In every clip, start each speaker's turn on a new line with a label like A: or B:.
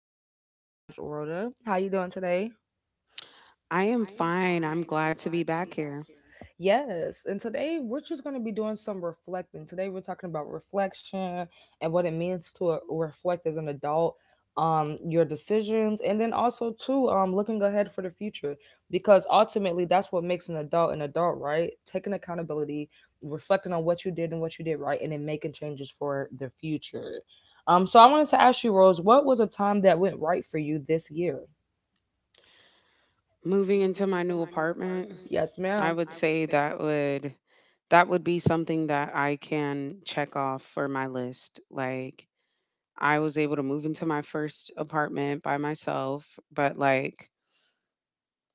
A: one of our favorite guests, Rhoda. How you doing today?
B: I am fine. I'm glad to be back here.
A: Yes, and today we're just going to be doing some reflecting. Today we're talking about reflection and what it means to reflect as an adult, your decisions, and then also too, looking ahead for the future because ultimately that's what makes an adult, right? Taking accountability, reflecting on what you did and what you did right, and then making changes for the future. So I wanted to ask you, Rose, what was a time that went right for you this year?
B: Moving into my new apartment,
A: Yes,
B: I
A: ma'am.
B: would say that would that would be something that I can check off for my list. Like I was able to move into my first apartment by myself, but like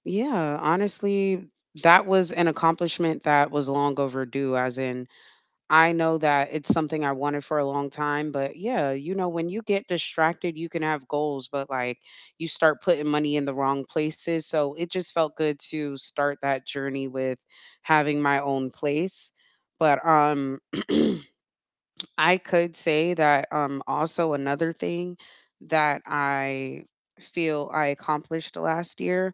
B: yeah, honestly, that was an accomplishment that was long overdue as in I know that it's something I wanted for a long time, but yeah, you know, when you get distracted, you can have goals, but like you start putting money in the wrong places. So it just felt good to start that journey with having my own place. But I could say that also another thing that I feel I accomplished last year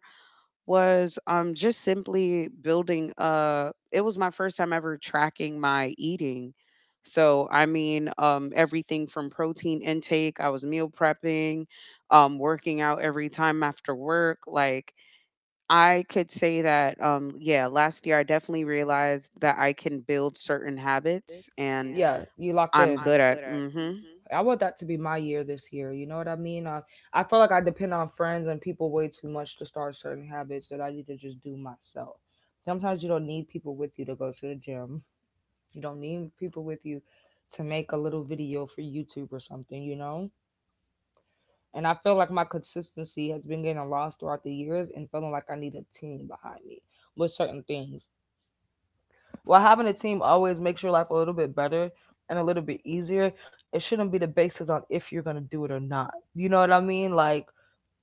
B: was, just simply building it was my first time ever tracking my eating. So, I mean, everything from protein intake, I was meal prepping, working out every time after work. Like, I could say that, yeah, last year I definitely realized that I can build certain habits and
A: Yeah, you locked
B: I'm
A: in.
B: good at, mm-hmm.
A: I want that to be my year this year. You know what I mean? I feel like I depend on friends and people way too much to start certain habits that I need to just do myself. Sometimes you don't need people with you to go to the gym. You don't need people with you to make a little video for YouTube or something, you know? And I feel like my consistency has been getting lost throughout the years and feeling like I need a team behind me with certain things. While having a team always makes your life a little bit better and a little bit easier, it shouldn't be the basis on if you're gonna do it or not. You know what I mean? Like,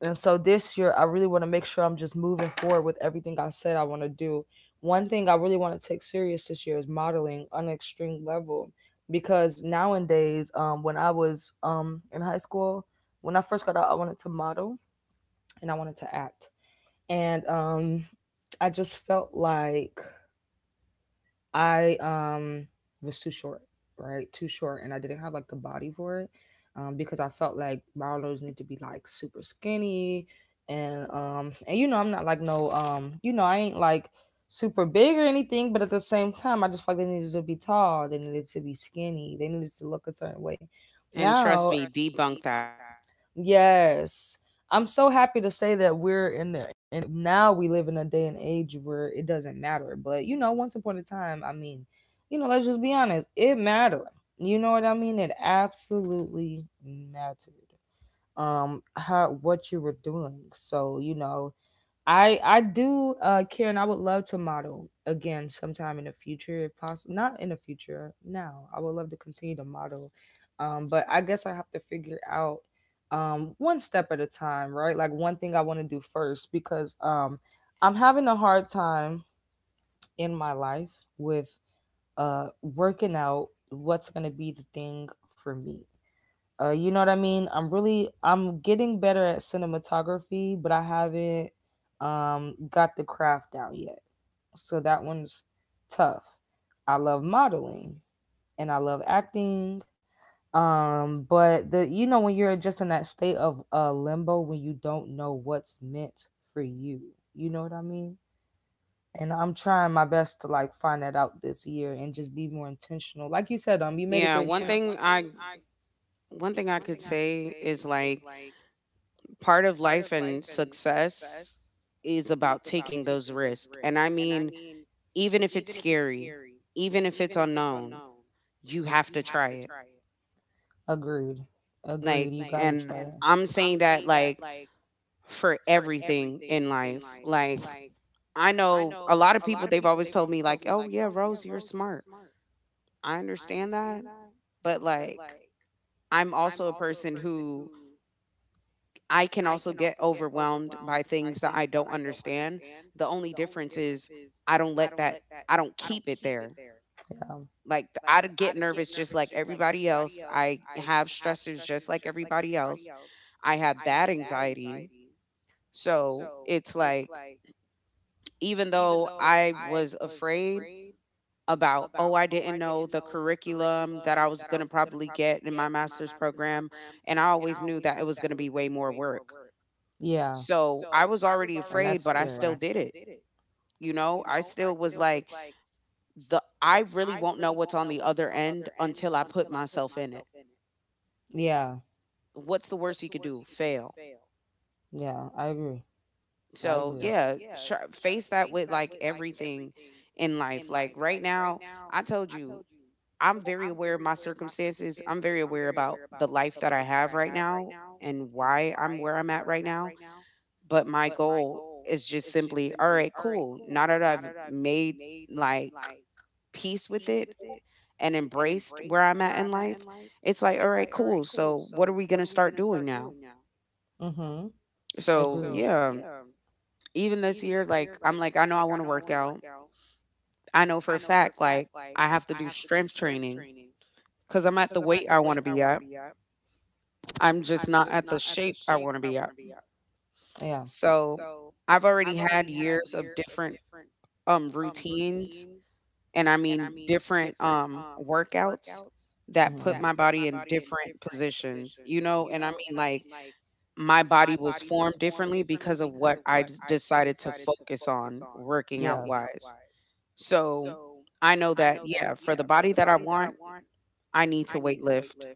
A: and so this year, I really want to make sure I'm just moving forward with everything I said I want to do. One thing I really want to take serious this year is modeling on an extreme level because nowadays, when I was in high school, when I first got out, I wanted to model and I wanted to act, and I just felt like I was too short, right? Too short, and I didn't have like the body for it, because I felt like modelers need to be like super skinny, and you know I'm not like no you know I ain't like super big or anything, but at the same time I just felt like they needed to be tall, they needed to be skinny, they needed to look a certain way.
B: And trust
A: Now,
B: me, debunk that.
A: yes. I'm so happy to say that we're in now we live in a day and age where it doesn't matter. But you know, once upon a time, I mean, you know, let's just be honest, it mattered. You know what I mean? It absolutely mattered. How what you were doing. So you know, I do, Karen. I would love to model again sometime in the future, if possible. Not in the future, now. I would love to continue to model, but I guess I have to figure out one step at a time, right? Like one thing I want to do first because I'm having a hard time in my life with uh, working out what's gonna be the thing for me, you know what I mean? I'm getting better at cinematography, but I haven't got the craft down yet. So that one's tough. I love modeling and I love acting. But the you know when you're just in that state of limbo when you don't know what's meant for you. You know what I mean? And I'm trying my best to like find that out this year and just be more intentional. Like you said, you made a
B: Yeah,
A: great
B: one
A: point.
B: thing I one thing I could say is like part of life and success is about taking those risks. And I mean, even if it's scary, even if it's unknown, you have to try it.
A: Agreed.
B: Like,
A: Agreed.
B: and
A: To.
B: I'm saying that like for everything in life. Like, I know a lot of people, they've always told me, like, oh, yeah, Rose, you're smart. I understand that. But like, I'm also a person who I can also get overwhelmed by things that I don't understand. The only difference is I don't let that I don't keep it there.
A: Yeah.
B: Like I get nervous just like everybody else. I have stressors just like everybody else. I have bad anxiety. So it's like, even though I was afraid about, oh, I didn't know the curriculum that I was going to probably get in my master's program. And I always knew that it was going to be way more work.
A: Yeah.
B: So, I was already afraid, but I still did it, you know? I still was like, the I really won't know what's on the other end until I put myself in it.
A: Yeah.
B: What's the worst you could do? Fail.
A: Yeah. I agree. I
B: So, yeah, face that with like everything in life. Like right now, I told you, I'm very aware of my circumstances. I'm very aware about the life that I have right now and why I'm where I'm at right now. But my goal is just simply, all right, cool. Now that I've made like peace with it and embraced where I'm at in life, it's like, all right, cool. So what are we gonna start doing now?
A: mm-hmm.
B: So yeah, even this year, like I'm like, I know I want to work out. I know for a fact, like I have to do strength training because I'm at the weight I want to be at. I'm just not at the shape I want to be at.
A: Yeah.
B: So I've already had years of different routines and I mean different workouts that
A: Mm-hmm.
B: put my body in different positions, you know, and I mean like my body was formed differently because of what I d decided to focus on working out wise. So, I know that, yeah, for the body that I want, I need to weight lift.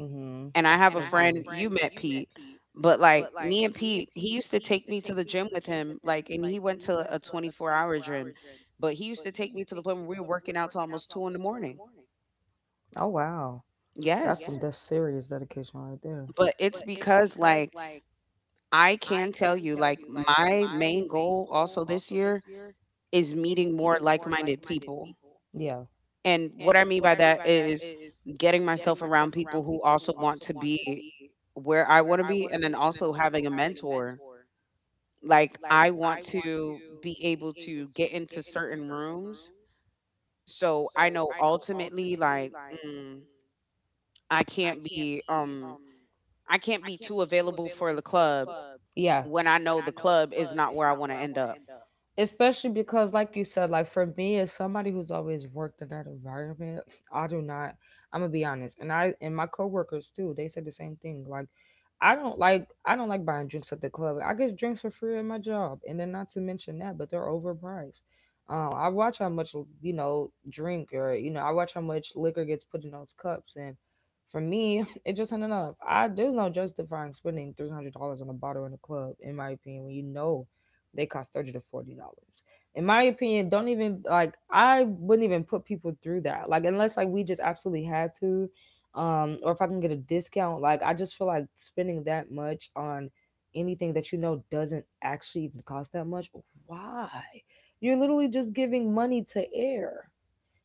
A: Mm-hmm.
B: And I have a friend you met Pete, but, like, me and Pete, he used to take me to the gym with him, like, and he went to a 24-hour gym, but he used to take me to the point where we were working out to almost 2 in the morning.
A: Oh wow. That's
B: Yes,
A: yes, serious dedication right there.
B: but it's because, like, I can tell you, like, my main goal also this year is meeting more like-minded people.
A: Yeah.
B: And what I mean by that is getting myself around people who also want to be where I want to be and then also having a mentor. Like I want to be able to get into certain rooms so I know ultimately like I can't be I can't be too available for the club
A: Yeah.
B: when I know the club is not where I want to end up.
A: Especially because like you said, like for me as somebody who's always worked in that environment I do not, I'm gonna be honest, and I and my coworkers too, they said the same thing, like I don't like buying drinks at the club. I get drinks for free at my job, and then not to mention that, but they're overpriced. I watch how much, you know, drink, or you know, I watch how much liquor gets put in those cups. And for me it just ain't enough. I There's no justifying spending $300 on a bottle in a club, in my opinion, when you know they cost $30 to $40. In my opinion, don't even like, I wouldn't even put people through that. Like unless like we just absolutely had to, or if I can get a discount. Like I just feel like spending that much on anything that you know doesn't actually even cost that much. Why? You're literally just giving money to air.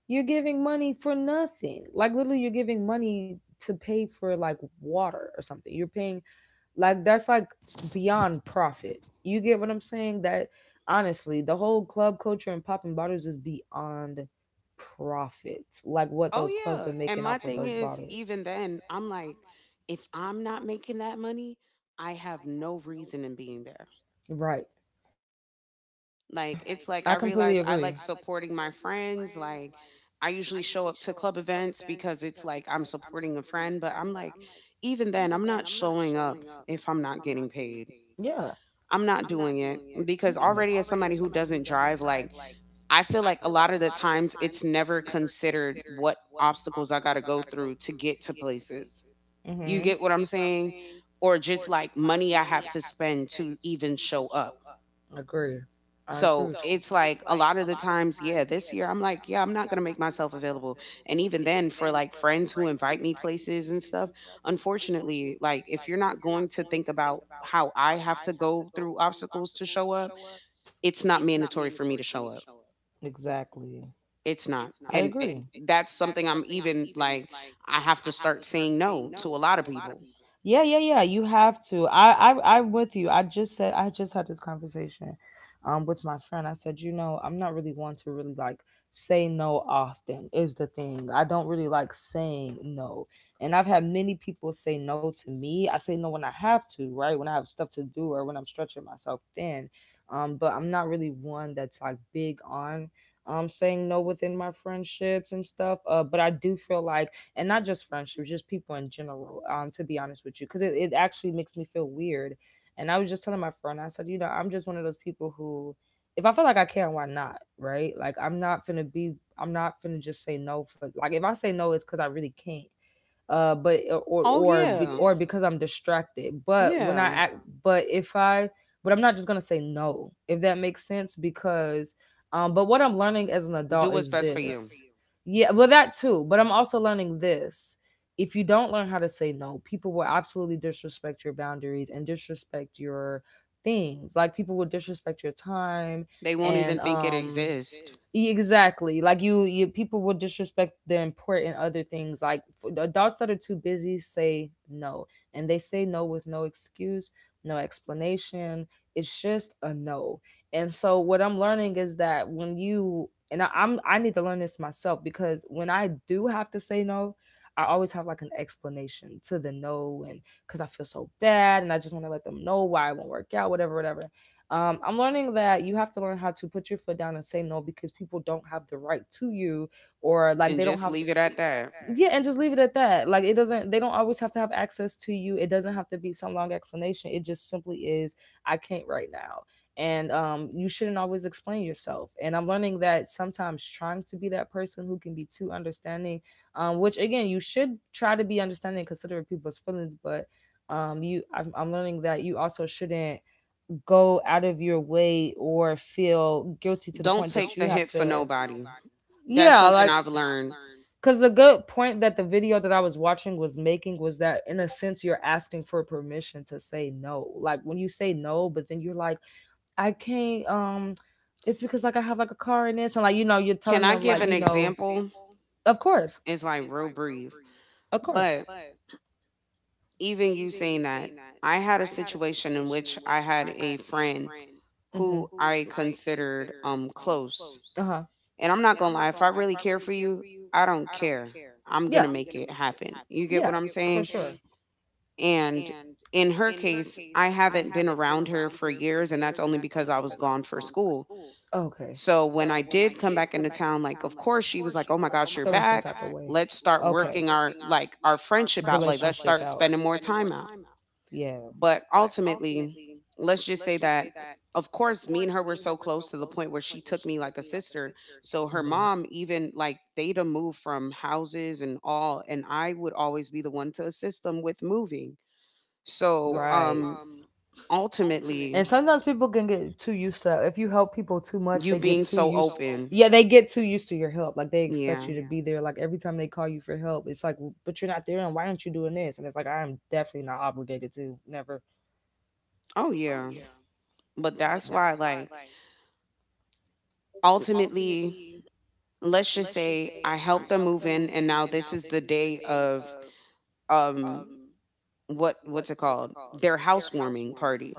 A: You're giving money for nothing. Like literally, you're giving money to pay for like water or something. You're paying, like that's like beyond profit. You get what I'm saying? That honestly, the whole club culture and popping bottles is beyond profit. Like what
B: Oh
A: those clubs are
B: yeah. And
A: making
B: my
A: off of
B: thing
A: those
B: is,
A: bottles.
B: even then, I'm like, if I'm not making that money, I have no reason in being there.
A: Right. Like,
B: Like
A: I
B: it's
A: it's
B: like I
A: like completely
B: realize
A: I'm,
B: I
A: agree.
B: like
A: I like
B: supporting my friends. Like I usually show up to club events because it's like I'm supporting a friend, but I'm like, even then, I'm not showing up if I'm
A: if
B: not
A: I'm not
B: getting
A: getting
B: paid.
A: paid, yeah.
B: I'm not
A: I'm not
B: doing it
A: doing it. Mm-mm.
B: because already as somebody who doesn't drive, like I feel like a lot of the times it's never considered what obstacles I got to go through to get to places. You
A: Mhm.
B: get what I'm saying? Or just like money I have to spend to even show up.
A: Agree. I agree.
B: So
A: With so
B: it's
A: it's
B: like a
A: like
B: lot of
A: a
B: the
A: lot of the
B: times, yeah,
A: times,
B: this
A: yeah.
B: year I'm
A: This year
B: like,
A: I'm
B: yeah, I'm
A: like,
B: not
A: yeah,
B: going to
A: I'm
B: make
A: not
B: myself available.
A: available.
B: And
A: You.
B: even then, for like friends who invite me places and stuff, unfortunately, like if you're not going to think about how I have to go through obstacles to show up, it's not mandatory for me to show up.
A: Exactly.
B: It's not.
A: It's not. I
B: And it,
A: agree.
B: that's something I'm even like, I have to start saying no to a lot of people.
A: Yeah, yeah, yeah. You have to. I'm with you. I just had this conversation, with my friend. I said, you know, I'm not really one to really like say no often. Is the thing. I don't really like saying no, and I've had many people say no to me. I say no when I have to, right? When I have stuff to do or when I'm stretching myself thin. But I'm not really one that's like big on saying no within my friendships and stuff. But I do feel like and not just friendships, just people in general. To be honest with you, because it actually makes me feel weird. And I was just telling my friend, I said, you know, I'm just one of those people who, if I feel like I can, why not? Right? Like I'm not finna just say no. For like if I say no, it's because I really can't, but or
B: Oh,
A: or be-
B: yeah.
A: or because I'm distracted. But when I
B: Yeah.
A: act, but if I, but I'm not just going to say no. If that makes sense, because but what I'm learning as an
B: Do
A: adult
B: what's
A: is do
B: best for
A: what's best for
B: you.
A: this. You. Yeah, well that too, but I'm also learning this. If you don't learn how to say no, people will absolutely disrespect your boundaries and disrespect your things. Like people will disrespect your time
B: They won't
A: and
B: even
A: will
B: think it exists
A: e- exactly. Like you people will disrespect their important other things. Like f- adults that are too busy say no, and they say no with no excuse, no explanation. It's just a no. And so what I'm learning is that when you and I need to learn this myself, because when I do have to say no, I always have like an explanation to the no, and because I feel so bad, and I just want to let them know why it won't work out, whatever, whatever. I'm learning that you have to learn how to put your foot down and say no, because people don't have the right to you, or
B: and
A: like they don't
B: just
A: have.
B: leave it at that.
A: And yeah, and just leave it at that. Like it doesn't, they don't always have to have access to you. It doesn't have to be some long explanation. It just simply is, I can't right now. And you shouldn't always explain yourself. And I'm learning that sometimes trying to be that person who can be too understanding, which again, you should try to be understanding and people's feelings, but you I'm learning that you also shouldn't go out of your way or feel guilty to the
B: Don't
A: point that
B: take
A: you
B: the
A: have
B: hit for
A: to,
B: nobody. That's
A: yeah,
B: something
A: like
B: I've
A: that's
B: learned.
A: because the good point that the video that I was watching was making was that, in a sense, you're asking for permission to say no. Like when you say no, but then you're like, I can't. It's because like I have like a car in this, and like you know, you're
B: Can
A: telling
B: I
A: them
B: give
A: like
B: an
A: you know, an
B: example?
A: of course,
B: It's like real brief,
A: of course,
B: but even you saying that, I had a situation in which I had a friend who
A: mm-hmm,
B: I considered close.
A: uh huh,
B: And I'm not gonna lie, if I really care for you, I don't care. I'm
A: yeah,
B: gonna make it happen. You get
A: yeah,
B: what I'm
A: for
B: saying?
A: sure,
B: And in her case, I haven't been around her for years, and that's only because I was gone for school.
A: okay.
B: So when I did come back into town, like, of course, she was like, oh my gosh, you're
A: Feeling some
B: back.
A: type of way.
B: Let's start
A: Okay.
B: working our,
A: Start
B: like, our friendship out. Like, let's
A: relationship
B: start
A: out. Out.
B: spending more time out.
A: Yeah.
B: But ultimately, let's just say that, of course, me and her were so close to the point where she took me like a sister. So her
A: Mm-hmm. Mhm.
B: mom, even like, they'd have moved from houses and all. And I would always be the one to assist them with moving. So,
A: Right.
B: ultimately,
A: And sometimes people can get too used to, if you help people too much,
B: you
A: they
B: being
A: get too
B: so
A: used.
B: open,
A: Yeah, they get too used to your help. Like they expect
B: yeah,
A: you, yeah, to be there. Like every time they call you for help, it's like, but you're not there, and why aren't you doing this? And it's like, I'm definitely not obligated to. Never.
B: oh yeah, but that's why, like, ultimately, let's just say I helped them move in, and now this is the day of, um, what's it called? Their housewarming party.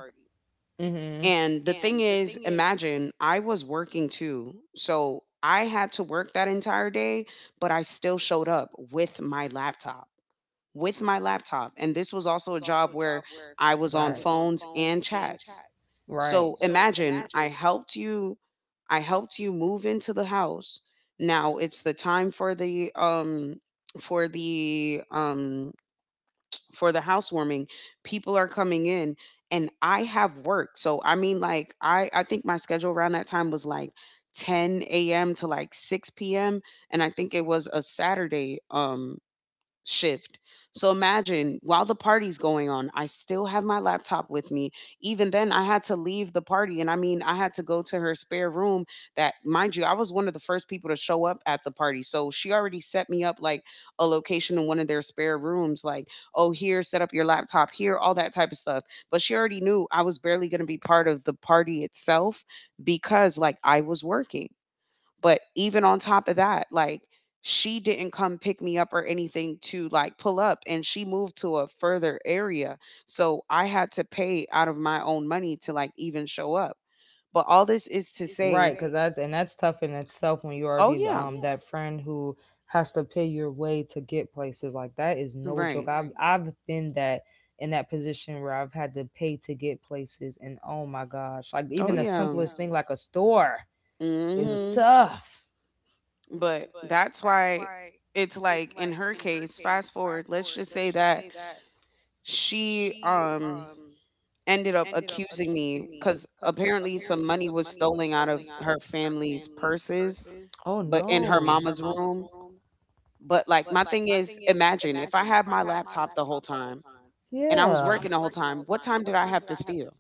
A: hmm
B: And the thing is, imagine I was working too, so I had to work that entire day, but I still showed up with my laptop. And this was also a job where I was on
A: Right.
B: phones
A: I
B: and chats.
A: Right.
B: So imagine I helped you move into the house. Now it's the time for the for the um for the housewarming. People are coming in and I have work. So I mean like I think my schedule around that time was like 10 a.m. to like 6 p.m. and I think it was a Saturday shift. So imagine while the party's going on, I still have my laptop with me. Even then, I had to leave the party. And I mean, I had to go to her spare room. That, mind you, I was one of the first people to show up at the party. So she already set me up like a location in one of their spare rooms, like, oh, here, set up your laptop here, all that type of stuff. But she already knew I was barely going to be part of the party itself because, like, I was working. But even on top of that, like she didn't come pick me up or anything to like pull up and she moved to a further area. So I had to pay out of my own money to like even show up. But all this is to say,
A: Right, because that's and that's tough in itself when you
B: oh
A: already the,
B: yeah,
A: that friend who has to pay your way to get places like that is no joke.
B: right.
A: I've right. I've been that in that position where I've had to pay to get places, and oh my gosh, like
B: Oh
A: even the Oh
B: yeah.
A: simplest thing like a store is
B: Mhm.
A: tough.
B: But that's why it's like in her case, fast forward, let's just say that she ended up accusing me because apparently some money was stolen out of her family's purses,
A: Oh But in
B: but in her mama's room.
A: no,
B: But like my thing is, imagine if I had my laptop the whole time
A: and
B: and I was
A: yeah,
B: working the whole time, what time did I have to steal?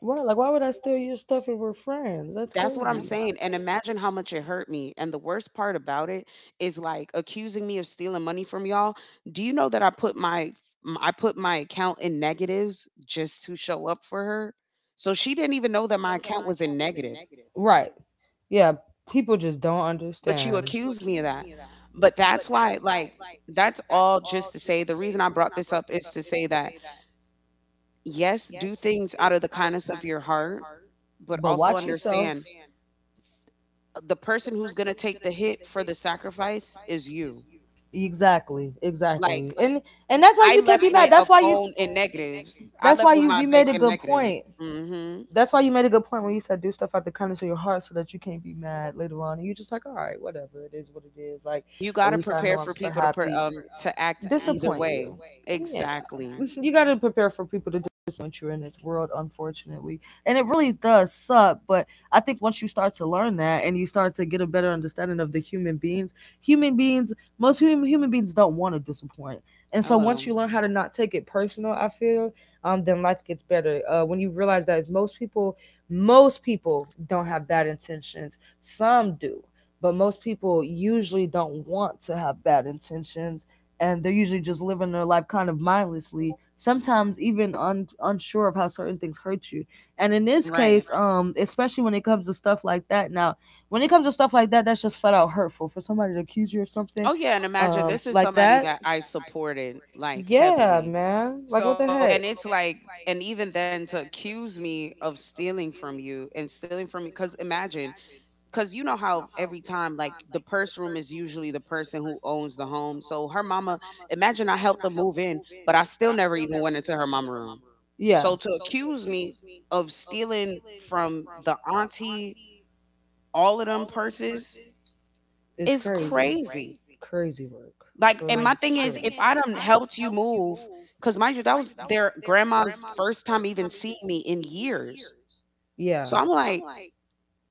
A: was right. Like why would I steal your stuff if we're friends? That's
B: That's what
A: crazy.
B: I'm saying. And imagine how much it hurt me. And the worst part about it is like accusing me of stealing money from y'all. Do you know that I put my I put my account in negatives just to show up for her? So she didn't even know that my account was in negative.
A: Right. Yeah. People just don't
B: But you
A: understand.
B: accuse me of that. But that's why, like, that's all just to say the reason I brought this up is to say that, yes, do things out of the kindness of your heart, but
A: But
B: also
A: watch yourself.
B: understand the person who's going to take the hit for the sacrifice is you.
A: Exactly.
B: Like,
A: Exactly. And that's why
B: I
A: you can't be
B: left
A: mad.
B: with a
A: That's why you.
B: phone and negatives. I
A: That's
B: left
A: why
B: with
A: you.
B: my
A: You made
B: bank
A: a
B: and
A: good
B: negatives.
A: point. That's why you made a good point when you said do stuff out the kindness of your heart so that you can't be mad later on. And you're just like, all right, whatever. It is what it is. Like,
B: You got
A: at
B: to
A: least I know
B: prepare
A: I'm
B: for
A: still
B: people to
A: happy.
B: to act either
A: Disappoint
B: way.
A: you. Yeah.
B: Exactly.
A: Exactly. You got to prepare for people to disappoint you in this world, unfortunately. And it really does suck. But I think once you start to learn that and you start to get a better understanding of the human beings, most human, human beings don't want to disappoint. And so once you
B: Hello.
A: learn how to not take it personal, I feel then life gets better. When you realize that is most people don't have bad intentions. Some do, but most people usually don't want to have bad intentions, and they're usually just living their life kind of mindlessly. Sometimes even unsure of how certain things hurt you. And in this case,
B: Right.
A: especially when it comes to stuff like that, now when it comes to stuff like that, that's just flat out hurtful for somebody to accuse you of something
B: Oh yeah, and imagine this is somebody that I supported like
A: yeah
B: heavily.
A: man like what
B: So, and it's like, and even then to accuse me of stealing from you and stealing from me, because imagine, because you know how every time, like the purse room is usually the person who owns the home. So her mama, imagine I helped her move in, but I still never even went into her mama room.
A: yeah
B: So to accuse me of stealing from the auntie, all of them purses
A: it's
B: is
A: it's
B: crazy.
A: crazy
B: Like,
A: work
B: and my thing is, if I done helped you move, because mind you, that was their grandma's first time even seeing me in years.
A: yeah
B: So I'm like,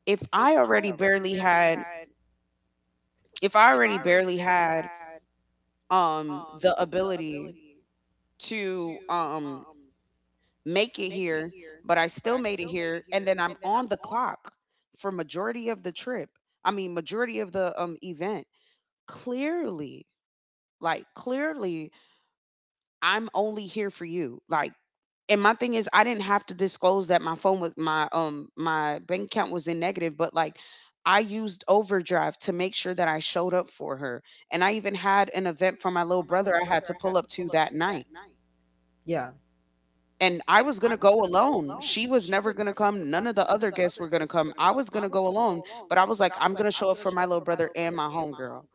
B: if I already barely had, if I already barely had the ability to make it here, but I still made it here, and then I'm on the clock for majority of the trip. I mean, majority of the event. Clearly, like clearly, I'm only here for you. Like, and my thing is I didn't have to disclose that my bank account was in negative, but like I used overdrive to make sure that I showed up for her. And I even had an event for my little brother I had to pull up to that night.
A: yeah
B: And I was going to go alone. She was never going to come. None of the other guests were going to come. I was going to go alone, but I was like I'm going to show up for my little brother and my homegirl.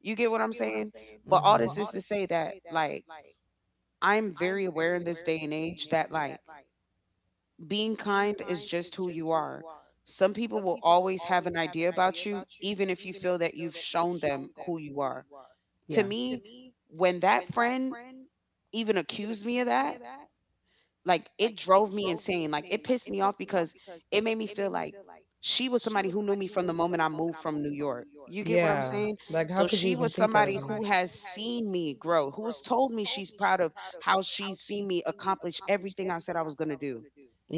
B: You get what I'm saying?
A: but
B: But all
A: hmm
B: this is to say that like I'm very aware in this day and age that like being kind is just who you are. Some people will always have an idea about you, even if you feel that you've shown them who you are. To
A: yeah
B: me, when that friend even accused me of that, like it drove me insane. Like it pissed me off because it made me feel like she was somebody who knew me from the moment I moved from New York. You
A: You
B: get what I'm
A: yeah
B: saying? So she was somebody who has seen me grow, who has told me she's proud of how she's seen me accomplish everything I said I was going to do.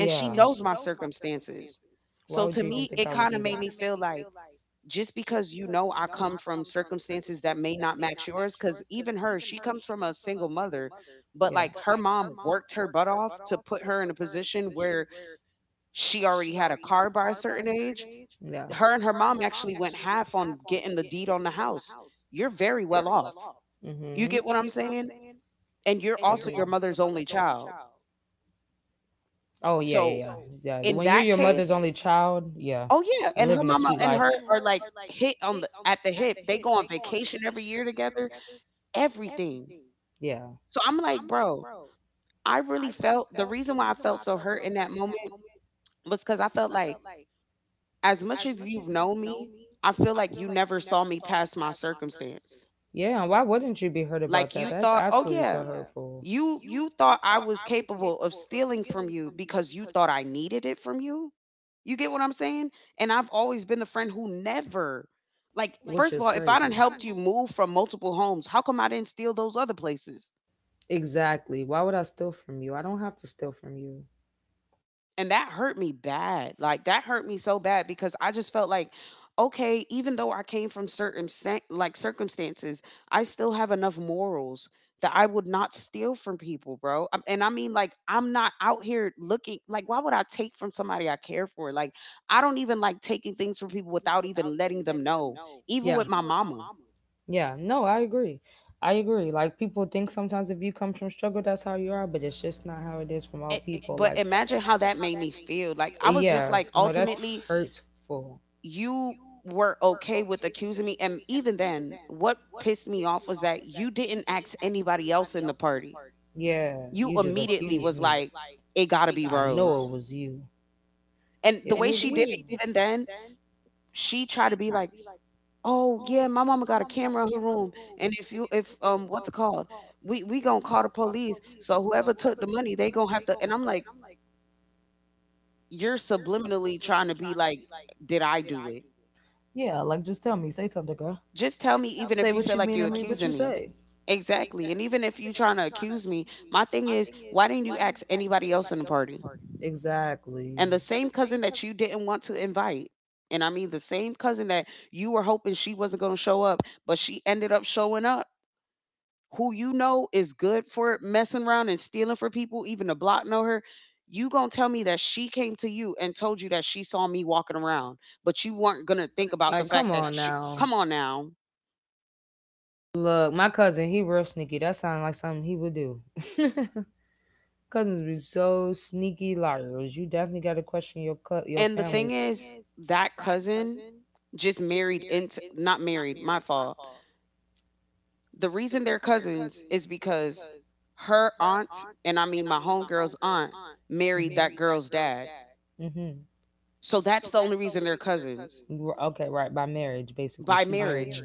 B: And she knows my circumstances.
A: why
B: So
A: would
B: to me, it kind of made me feel like just because you know I come from circumstances that may not match yours, because even her, she comes from a single mother, but
A: Yeah.
B: like her mom worked her butt off to put her in a position where she already had a car by a certain age.
A: Yeah.
B: Her and her mom actually went half on getting the deed on the house. You're very well off. You
A: Mm-hmm.
B: get what I'm saying? And you're also your mother's only child.
A: Oh yeah, yeah,
B: So
A: yeah. So, Yeah.
B: in that case,
A: When child, yeah,
B: oh yeah, and her mama and her are like hit on the hip. They go on vacation every year together. Everything.
A: Yeah.
B: So I'm like, bro, I really felt the reason why I felt so hurt in that moment was because I felt like, as much as you've known me, I feel like you never saw me past my circumstance.
A: Yeah. Why wouldn't you be hurt about
B: Like you thought, oh
A: absolutely
B: yeah,
A: hurtful,
B: you thought I was capable of stealing from you because you thought I needed it from you. You get what I'm saying? And I've always been the friend who never, like, first of all, if I done
A: crazy.
B: helped you move from multiple homes, how come I didn't steal those other places?
A: Exactly. Why would I steal from you? I don't have to steal from you.
B: And that hurt me bad. Like that hurt me so bad because I just felt like okay, even though I came from like circumstances, I still have enough morals that I would not steal from people, bro. And I mean like I'm not out here looking like why would I take from somebody I care for? Like I don't even like taking things from people without even letting them know, even
A: Yeah.
B: with my mama.
A: Yeah, no, I agree. I agree. Like people think sometimes if you come from struggle, that's how you are, but it's just not how it is from all people.
B: But
A: Like,
B: imagine how that made me feel. Like I was just
A: yeah,
B: like
A: no, that's
B: ultimately
A: hurtful.
B: you were okay with accusing me. And even then, what pissed me off was that you didn't ask anybody else in the party.
A: Yeah,
B: You
A: you just
B: immediately
A: accused
B: was
A: me.
B: like, it gotta be
A: I know it
B: Rose.
A: was you.
B: And the
A: It
B: way
A: was
B: she did it,
A: you.
B: even then, she tried to be like, oh yeah, my mama got a camera in her room. And if you if what's it called? We gonna call the police. So whoever took the money, they gonna have to and I'm like, you're subliminally trying to be like, did I do it?
A: Yeah, like just tell me, say something, girl.
B: Just tell me, even if you feel like you're accusing me. Exactly. And even if you're trying to accuse me, my thing is, why didn't you ask anybody else in the party?
A: Exactly.
B: And the same cousin that you didn't want to invite, and I mean the same cousin that you were hoping she wasn't going to show up, but she ended up showing up, who you know is good for messing around and stealing for people, even the block know her. You gonna tell me that she came to you and told you that she saw me walking around, but you weren't gonna think about the
A: Like, come
B: fact that
A: on
B: she
A: now.
B: come on now.
A: Look, my cousin, he real sneaky. That sounds like something he would do. Cousins be so sneaky liars. You definitely got to question your your
B: And the
A: And
B: thing
A: family.
B: is, that cousin just married into not married, my fault. The reason they're cousins is because her aunt, and I mean my homegirl's aunt,
A: Hmm
B: married that girl's dad.
A: hmm
B: So that's the only reason they're cousins
A: Okay, right by marriage, basically.
B: by
A: She's married. Him.
B: marriage.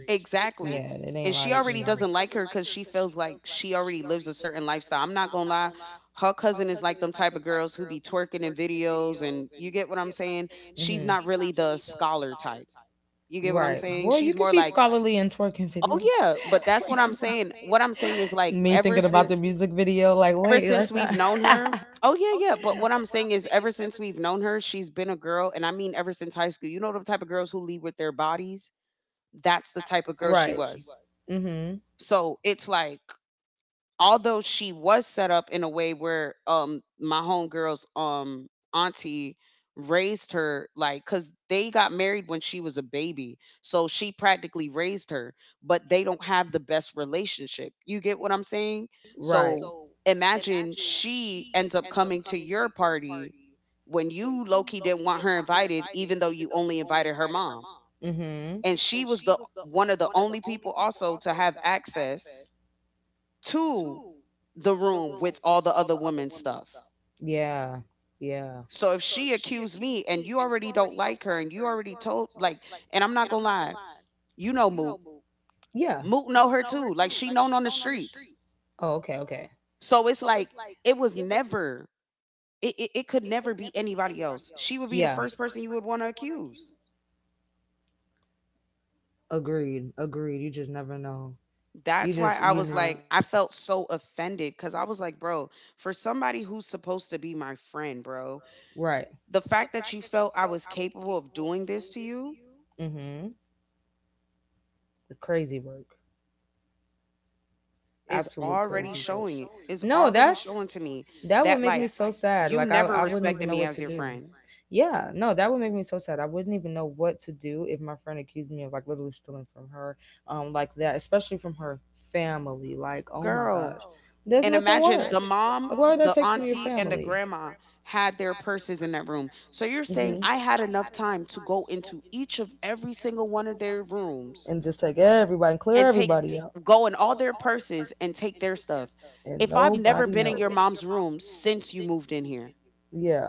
A: Yeah,
B: Exactly.
A: Exactly. it
B: And
A: ain't
B: she
A: like you
B: already
A: know.
B: doesn't like her because she feels like she already lives a certain lifestyle. I'm not gonna lie. Her cousin is like them type of girls who be twerking in videos, and you get what I'm saying? She's not
A: Mm-hmm.
B: really the scholar type. You
A: you
B: get what I'm
A: Right. get
B: saying?
A: Well, you saying?
B: She's
A: Could
B: more
A: be She's
B: like,
A: scholarly in twerking
B: "Oh
A: video.
B: yeah," but that's what I'm saying. What I'm saying is like
A: Me thinking about ever the music video, like,
B: ever
A: wait, ever
B: since
A: let's not.
B: we've known her,
A: Since
B: "Oh yeah, yeah," but what I'm saying is ever since we've known her, she's been a girl and I mean ever since high school. You know the type of girls who lead with their bodies? That's the type of girl
A: right.
B: she was.
A: is. Mm-hmm.
B: So, it's like although she was set up in a way where my homegirl's auntie raised her, like because they got married when she was a baby so she practically raised her, but they don't have the best relationship. You get what I'm saying?
A: Right.
B: So imagine she ends up coming to your party when you low-key didn't want her invited even though you only invited her mom,
A: Mm-hmm.
B: and she was the one of the only people also to have access to the room with all the other women's stuff.
A: Yeah. Yeah.
B: So if she accused me and you already don't like her and you already told like, and I'm not gonna lie, you know Moot.
A: Yeah.
B: Moot know her too. Like she known on the streets.
A: Oh, okay. Okay.
B: So it's like it was never it could never be anybody else. She would be the
A: Yeah.
B: first person you would want to accuse.
A: Agreed. Agreed. You just never know. You
B: That's why
A: just
B: I
A: you
B: was
A: know.
B: like, I felt so offended because I was like, bro, for somebody who's supposed to be my friend, bro,
A: Right.
B: the fact that you felt I was capable of doing this to you
A: Mm-hmm. The crazy work.
B: is
A: Absolute crazy
B: already
A: work.
B: showing
A: No, that's
B: to me
A: that would
B: that
A: make me
B: like
A: so sad.
B: you
A: Like I,
B: never
A: I wouldn't even
B: respected
A: know
B: me
A: what
B: as
A: to
B: your
A: do.
B: friend,
A: Yeah, no, that would make me so sad. I wouldn't even know what to do if my friend accused me of like literally stealing from her, like that, especially from her family. Like, oh my gosh,
B: girl.
A: there's
B: And
A: nothing worse.
B: imagine the mom,
A: Like, why would I
B: the
A: take from your
B: auntie, and the
A: family?
B: grandma had their purses in that room. So you're saying I had enough time to go into each of every single one of their rooms
A: And just take everybody and clear
B: and
A: and
B: take
A: out,
B: go in all their purses and take their stuff.
A: and
B: If I've never
A: if
B: been in your mom's room since you moved in here,
A: Yeah,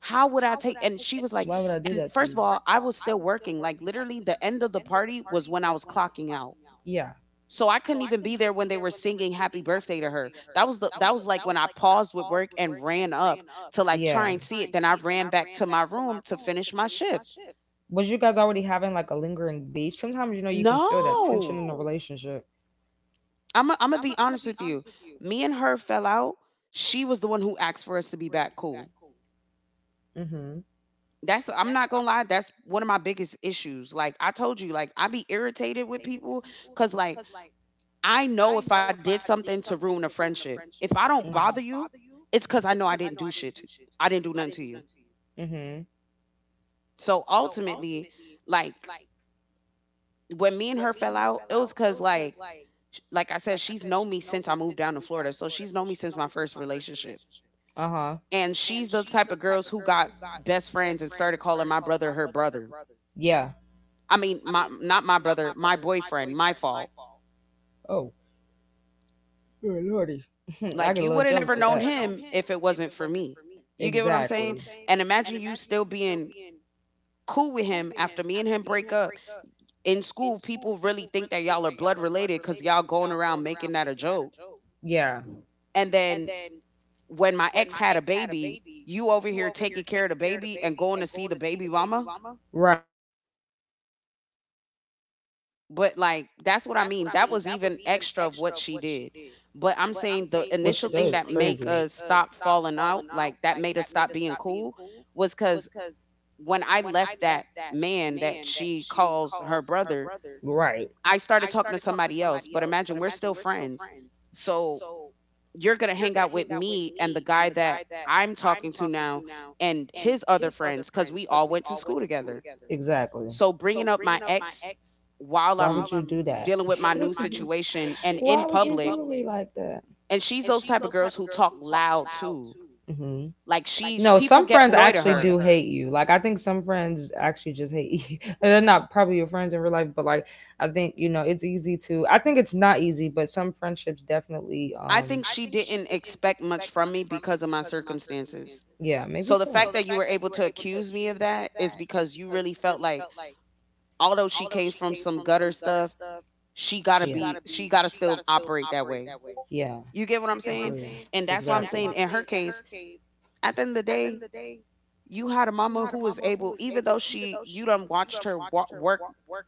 B: how would I take, and she was like,
A: I like do
B: and
A: that
B: first of all, I was still working, like, literally the end of the party was when I was clocking out.
A: Yeah,
B: So I couldn't even be there when they were singing happy birthday to her. That was the that was, like, when I paused with work and ran up to, like,
A: to
B: try and see it, then I ran back to my
A: to my
B: room to finish my shift.
A: was you guys already having like a lingering beef? Sometimes you know you can feel
B: No.
A: relationship.
B: I'm I am going Imma be honest with you. Me and her fell out. She was the one who asked for us to be back cool.
A: Mm-hmm.
B: That's I'm not gonna lie, that's one of my biggest issues. Like I told you, I be irritated with people because I know if I did something to ruin a friendship, if I don't bother you, it's because I know I didn't do shit to I didn't do nothing to you.
A: Mm-hmm.
B: So ultimately, like when me and her fell out, it was cause like I said, she's known me since I moved down to Florida. So she's known me since my first relationship.
A: Uh huh.
B: And she's the type of girls who got best friends and started calling my brother her brother.
A: Yeah.
B: I mean, my not my brother, my boyfriend, my fault.
A: Oh Good lordy. I
B: Like
A: get a
B: you
A: little
B: would have
A: jealous
B: never
A: with
B: known
A: that.
B: him if it wasn't for me. You get what I'm
A: Exactly.
B: saying? And imagine you still being cool with him after me and him break up. In school, people really think that y'all are blood related because y'all going around making that a joke.
A: Yeah.
B: And then when my ex had a baby, you over here taking care of the baby and going to see the baby mama.
A: Right.
B: But like that's what I mean. That was even extra of what she did. But I'm saying the
A: Which
B: initial
A: that
B: thing
A: is
B: that
A: initial
B: make
A: crazy.
B: us stop falling out, like that made us stop being cool, was because when I left that man that she calls her brother,
A: So, Right.
B: I started talking to somebody else. But imagine we're still friends. So you're gonna hang out with me and the guy that I'm talking to now and his other friends because we all went to school together.
A: Exactly.
B: So bringing up my ex while
A: Why would
B: I'm
A: you do that?
B: dealing with my new situation and in
A: Why would you
B: public.
A: do me like that?
B: And she's those type of girls who talk loud too.
A: Hmm
B: Like she
A: No,
B: people
A: some
B: get
A: friends
B: annoyed at
A: actually
B: her.
A: do hate you. Like I think some friends actually just hate you. They're not probably your friends in real life, but like I think you know it's easy to. I think it's not easy, but some friendships definitely
B: I think she didn't expect much from me because of my circumstances.
A: maybe
B: So the
A: so.
B: fact that you were able to accuse me of that is because you really felt like although she came from some gutter stuff, she got to still operate that way.
A: Yeah,
B: You get what I'm saying?
A: agree.
B: And that's why
A: And
B: I'm saying in her case, at the end of the day, you had a mama who was able, even though she you done watched her work,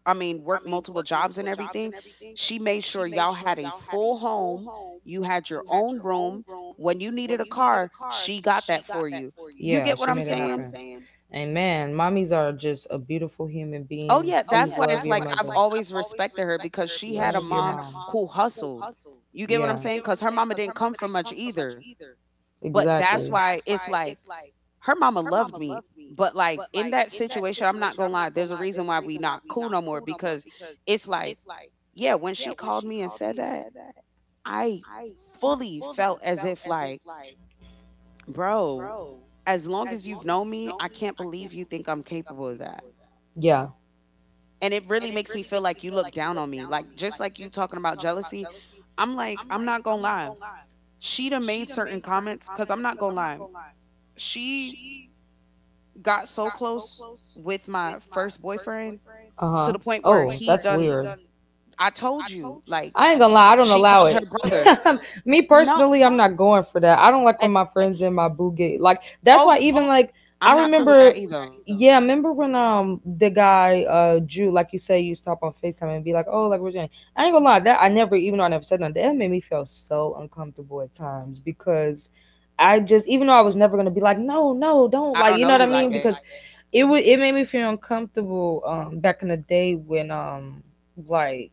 B: I mean, work multiple jobs and everything. She made sure y'all had a full home. You had your own room. When you needed a car, she got that for you. You
A: Yeah,
B: get what
A: she
B: I'm
A: happen.
B: saying?
A: And man, mommies are just a beautiful human
B: Oh
A: beings.
B: yeah, that's why it's like I've always respected her because she had a mom who hustled. You get what
A: Yeah,
B: I'm saying? Because her mama didn't come from much either. But that's
A: exactly.
B: why it's like her mama loved me. But like in that situation, I'm not gonna lie, there's a reason why we not cool no more because it's like, yeah, when she called me and said that, I fully felt as if like, bro, as long as you've known me, I can't believe you think I'm capable of that.
A: yeah.
B: And it really makes me feel like you look down on me. Like just like you talking about jealousy, I'm like, I'm not gonna lie. She done made certain comments because I'm not gonna lie. She got so close with my first boyfriend
A: Uh
B: to
A: huh.
B: the point where he done I told you, like
A: I ain't gonna lie, I don't
B: she
A: allow
B: called her
A: it.
B: brother.
A: Me
B: No,
A: personally, I'm not going for that. I don't like when
B: and,
A: my friends in my boo get like that's
B: oh,
A: why even like
B: I'm
A: I
B: not cool with
A: remember
B: that either.
A: yeah, I remember when the guy Drew, like you say, you stop on FaceTime and be like, Oh, like we're doing I ain't gonna lie, that I never even though I never said nothing, that made me feel so uncomfortable at times because I just even though I was never gonna be like, No, no, don't
B: I
A: like
B: don't
A: you
B: know
A: know what I
B: you like
A: mean?
B: that.
A: Because it would it made me feel uncomfortable back in the day when like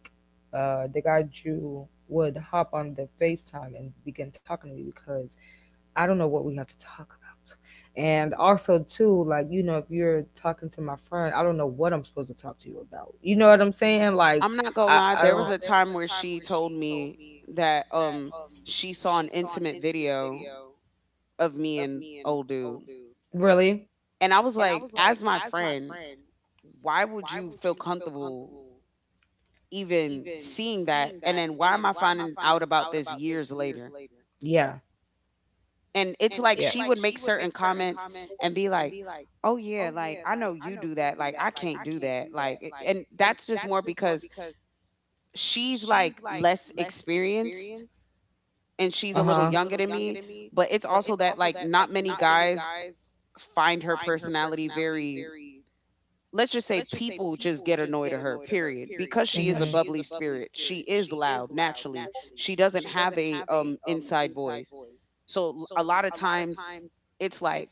A: the guy Drew would hop on the FaceTime and begin talking to me because I don't know what we have to talk about. And also too, like you know, if you're talking to my friend, I don't know what I'm supposed to talk to you about. You know what I'm saying? Like
B: I'm not gonna
A: I,
B: lie.
A: I
B: There
A: don't
B: was a time where she told me that she saw an intimate video of me and old dude,
A: really.
B: and I was like, as my friend, why would you feel comfortable even seeing that? And then why am I finding out about this years later?
A: Yeah,
B: And it's
A: yeah.
B: like
A: yeah.
B: she would make certain comments and be like, oh yeah, I know you do that, I can't do that, and that's just more because she's like less experienced and she's
A: Uh
B: a little
A: huh.
B: younger than me, but it's also that like not many guys find her personality very, let's just say people just get annoyed at her period because she
A: Mhm.
B: is a bubbly spirit, she is loud naturally, she doesn't have a inside voice. So a lot of times it's like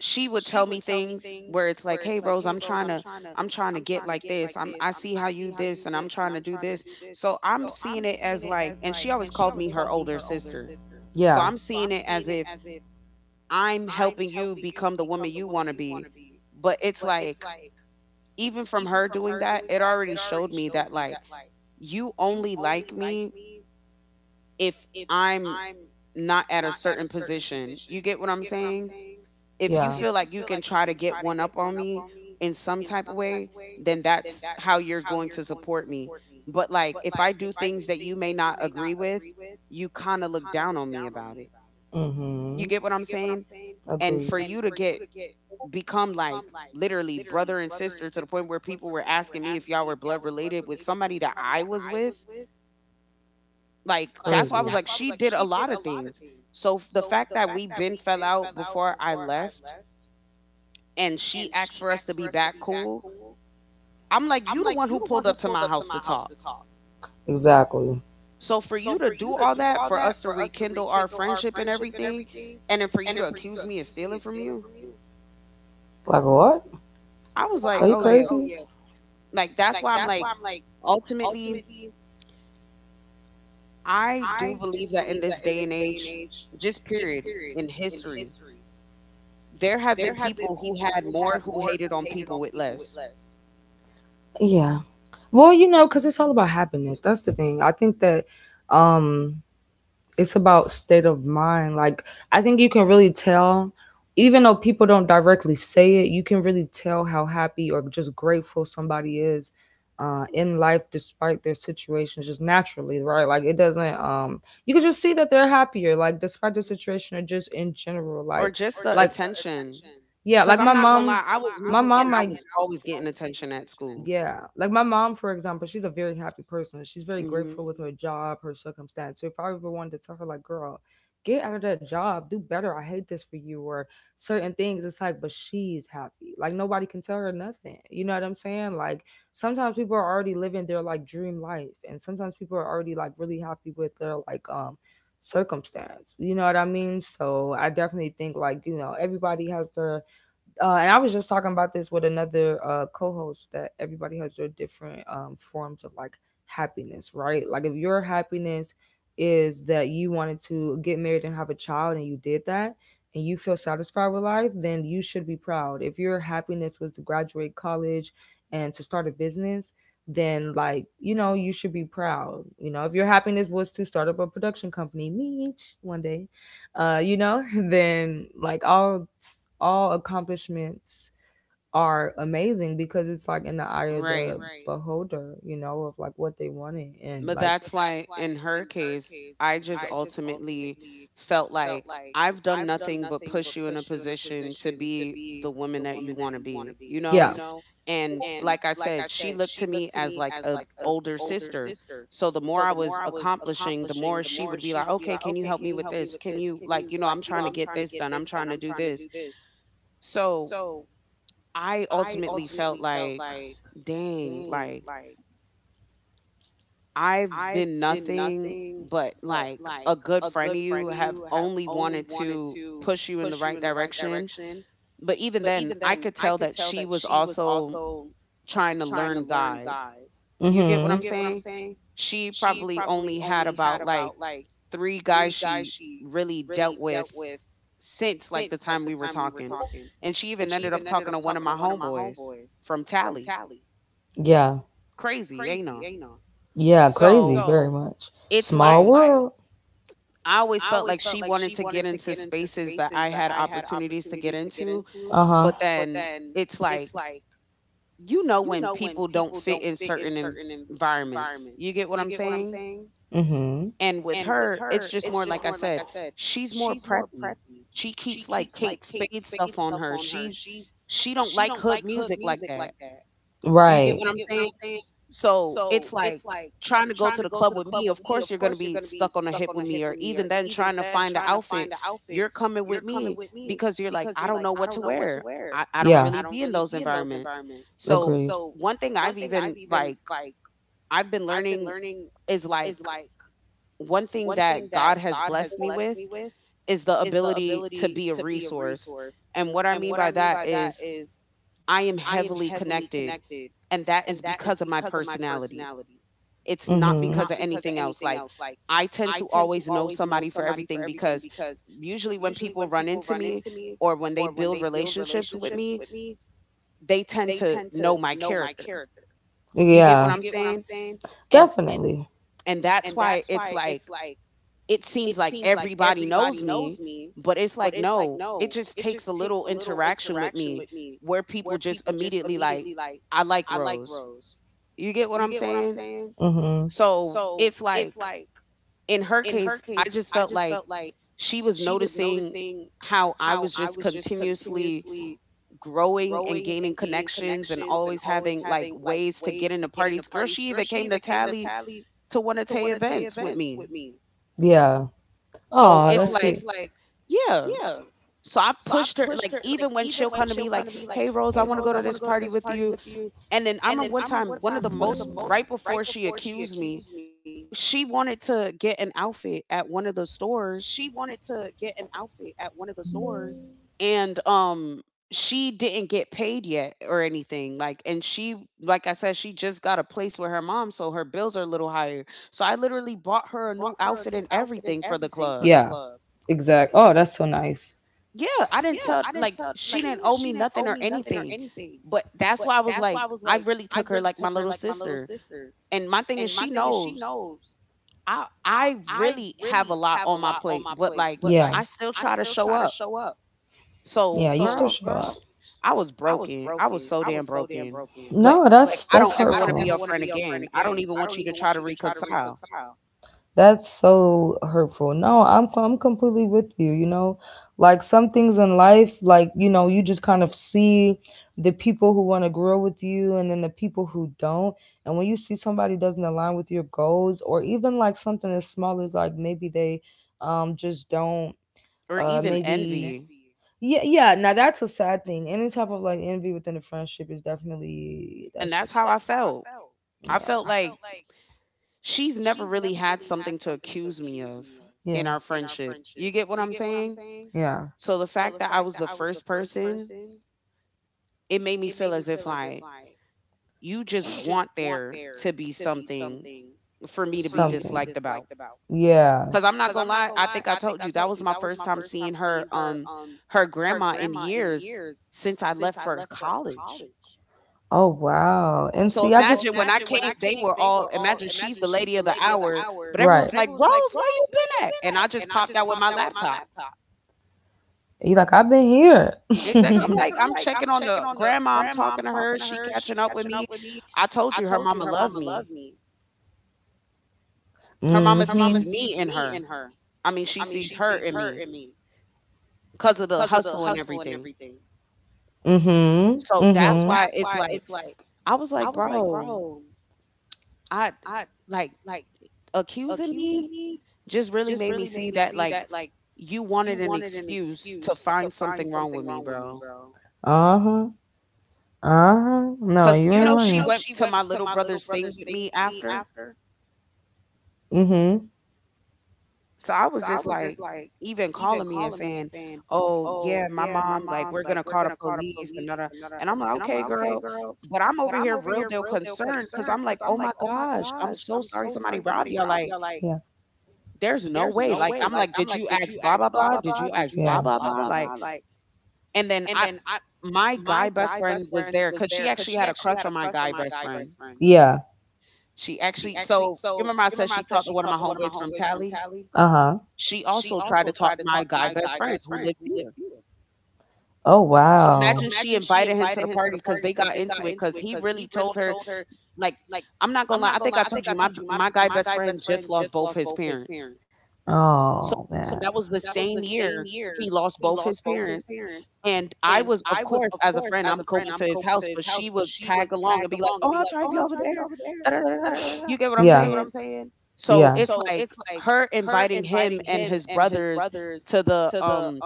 B: she would tell me things where it's like, "Hey Rose, I'm trying to get like this. I see how you this and I'm trying to do this." So I'm seeing it as like, and she always called me her older sister. So
A: Yeah.
B: I'm seeing it as if I'm helping you become the woman you want to be. But it's like even from her doing that, it already showed me that like you only like me if I'm not at a certain position. You get what I'm saying? If you
A: Yeah.
B: feel like you can try to get one up on me in some type of way, then that's how you're going to support me. But like if I do things that you may not agree with, you kind of look down on me about it. You
A: Mm-hmm.
B: get what I'm saying? And
A: Agreed.
B: for you to get
A: Like,
B: become like literally brother and sister to the point where people were asking me if y'all were blood related with somebody that I was with, like that's why I
A: Crazy.
B: was like she did a lot of things. So the fact that we been fell out before I left and she asked for us to be back cool, I'm like, you the one who pulled up to my house to talk.
A: Exactly.
B: So for you to do all that, for us to rekindle our friendship and everything, and then for you to accuse me of stealing from you,
A: Like what?
B: I was like,
A: Are you
B: oh yeah.
A: crazy?
B: Like that's why I'm like, ultimately, I do believe that in this day and age, just period, in history, there have been people who had more who hated on people with less.
A: Yeah, Yeah. Well, you know, because it's all about happiness. That's the thing. I think that um it's about state of mind. Like I think you can really tell, even though people don't directly say it, you can really tell how happy or just grateful somebody is in life despite their situation, just naturally, right? Like it doesn't. You can just see that they're happier, like despite the situation or just in general,
B: Or
A: like
B: just
A: or
B: the
A: like
B: attention.
A: yeah,
B: Cause
A: like
B: I'm
A: my
B: not gonna
A: mom,
B: lie, I was
A: my I
B: new
A: mom
B: and I
A: might.
B: was always getting attention at school.
A: Yeah. Like my mom, for example, she's a very happy person. She's very
B: Hmm.
A: grateful with her job, her circumstance. So if I ever wanted to tell her, like, girl, get out of that job, do better. I hate this for you, or certain things, it's like, but she's happy. Like nobody can tell her nothing. You know what I'm saying? Like sometimes people are already living their like dream life. And sometimes people are already like really happy with their like circumstance. You know what I mean? So I definitely think like, you know, everybody has their and I was just talking about this with another co-host that everybody has their different forms of like happiness, right? Like if your happiness is that you wanted to get married and have a child and you did that and you feel satisfied with life, then you should be proud. If your happiness was to graduate college and to start a business, then like you know you should be proud. You know if your happiness was to start up a production company, me one day you know, then like all accomplishments are amazing because it's like in the eye of the
B: Right.
A: beholder, you know, of like what they wanted and
B: But
A: like
B: that's why, in her case, I just ultimately felt like I've done nothing but push you in a position to be the woman that you want to be, you know?
A: yeah.
B: And like I said, she looked to me as like a older sister. So the more I was accomplishing, the more she would be like, "Okay, can you help me with this? Can you, like, you know, I'm trying to get this done. I'm trying to do this." So I ultimately felt like, "Dang, like I've been nothing but like a good friend of you, have only wanted to push you in the right direction." But even then, I could tell that she was also trying to learn guys. You get what I'm
A: Mhm.
B: saying? She probably only had about like three guys she really dealt with since like the time we were talking. And she even ended up talking to one of my homeboys from Tally.
A: Yeah.
B: Crazy, ain't it?
A: Yeah, crazy
B: So
A: so very so much.
B: it's
A: Small
B: like
A: world.
B: I always felt like she wanted to get into spaces that I had opportunities to get into,
A: Uh-huh.
B: but then it's like you know when people don't fit in certain environments. You get what I'm saying?
A: Mhm.
B: And with her, it's just more like I said, she's more preppy. She keeps like Kate Spade stuff on her. She don't like hood music like that. You get
A: Right.
B: what I'm saying? So it's like trying to go to the club with me, of course you're gonna be stuck on a hip with me, or even then trying to find an outfit, you're coming with me because you're like, I don't know what to wear. I don't
A: Yeah,
B: really be in those environments.
A: this.
B: So
A: Agreed.
B: one thing I've even like I've been learning is like one thing that God has blessed me with is the ability to be a resource. And what I mean by that is I am heavily connected and that is because of my personality. It's
A: Me.
B: not
A: Mhm.
B: because of anything else. Like I tend to always know somebody for everything because usually when people run into me or when they build relationships with me, they tend to know my character. You get what
A: Yeah,
B: I'm saying?
A: And
B: And
A: definitely.
B: and that's why it's like it seems like everybody knows me, but it's like no, it just takes a little interaction with me where people just immediately like, I like Rose. You get what I'm saying?
A: Mhm.
B: So, it's like in her case, I just felt like she was noticing how I was just continuously growing and gaining connections and always having like ways to get into parties. Girl, she even came to Tally to one of Tay events with me.
A: Yeah.
B: So
A: Oh,
B: it's like, yeah. So I pushed her, like, even when she'll come to me, like, hey, Rose, I want to go to this party with you. And then I remember one time, one of the most, right before she accused me, she wanted to get an outfit at one of the stores and she didn't get paid yet or anything, like, and she, like I said, she just got a place with her mom, so her bills are a little higher, so I literally bought her a new outfit and everything for the club.
A: exact. Oh, that's so nice.
B: Yeah, I didn't tell, like, she didn't owe me nothing or anything, but that's why I was like, I really took her like my little sister. And my thing is she knows I really have a lot on my plate, but like I still try to show up. So
A: Yeah.
B: girl, I was broken. I was so damn broken. But
A: No, But
B: like, I don't
A: that's
B: ever want to be
A: I
B: your friend again. I don't even want you to try to reconcile
A: That's so hurtful. No, I'm completely with you, you know. Like some things in life, like, you know, you just kind of see the people who want to grow with you and then the people who don't. And when you see somebody doesn't align with your goals or even like something as small as like maybe they just don't
B: or even
A: maybe
B: envy.
A: yeah, yeah. Now that's a sad thing. Any type of like envy within a friendship is definitely that
B: And
A: shit
B: that's how I
A: sucks.
B: felt. I
A: Yeah.
B: felt like she's never really had something to accuse me of in
A: Yeah.
B: our friendship. You get what I'm saying?
A: Yeah.
B: So the fact that I was the first person, it made me feel as if like you just want there to be something for me to
A: for
B: be disliked about.
A: Yeah.
B: Cause I'm not gonna lie, I think I told you that was my first time seeing her her grandma in years since I left for college.
A: Oh wow. And
B: So
A: see, I
B: imagine when I came, they were all, imagine she's the lady of the hour, but
A: right.
B: everyone's like, "Rose, where you been at?" And I just popped out with my laptop.
A: You like I've been here.
B: Exactly. I'm like, I'm checking on the grandma, I'm talking to her, she catching up with me. I told you her mama loved me. Her mama sees
A: Exactly.
B: me in her. I mean, she sees her in me because of the hustle and everything.
A: and
B: So
A: Mhm.
B: that's
A: so
B: why it's like I was like, "Bro, I, like, accusing me just really made me see that, like, you wanted an excuse to find something wrong with me, bro."
A: Uh huh. Uh huh. No,
B: Cause
A: you
B: you know she went to my little brother's thing with me after.
A: Mhm.
B: So I was just like, even calling me and saying, "Oh, yeah, my mom, like, we're gonna call the police and da da." And I'm like, "Okay, girl." But I'm over here real deal concerned, because 'cause I'm like, "Oh my gosh, I'm so sorry somebody robbed y'all." Like,
A: Yeah.
B: there's no way, like, I'm like, "Did you ask blah, blah, blah? Did you ask
A: Yeah.
B: blah, blah, blah?" Like, and then I my guy best friend was there because she actually had a crush on my guy best friend.
A: Yeah.
B: She actually, so, you remember I said she talked to one of my homeboys from Tally?
A: Uh huh.
B: She also tried to talk to my guy best friend who lived here.
A: Oh So
B: So
A: wow.
B: imagine she invited him to the party because they got into it because he really told her, like, I'm not gonna lie, I think I told you my guy best friend just lost both his parents. So,
A: Oh so
B: that was the same year he lost both his parents, and I was, of course, as a friend, I'm going to his house, but she would tag along and be like, "Oh, I'll drive you over there, da da da da da." You get what I'm
A: you
B: saying? So,
A: Yeah.
B: it's like her inviting him and his brothers to the,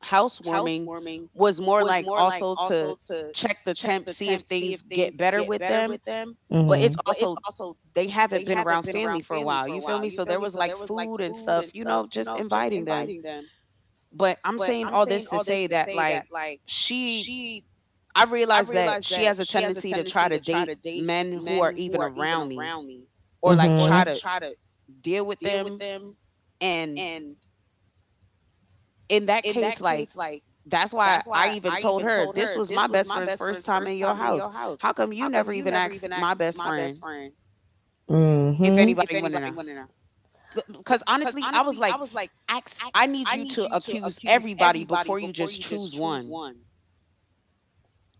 B: housewarming was more like also to check the temp, see if things get better with them, but it's
A: Mhm.
B: also they haven't been around family for a while, you feel me? So, there was, like, food and stuff, you know, just inviting them. But I'm saying all this to say that, like, she I realized that she has a tendency to try to date men who are even around me or like
A: or
B: try to deal with them, and in that case, like, that's why I even told her this was my best friend's first time in your house. How come you never even asked my best friend if
A: Mhm.
B: anybody went in her? Because honestly, I was like, ask, I need you to accuse everybody before you just choose one.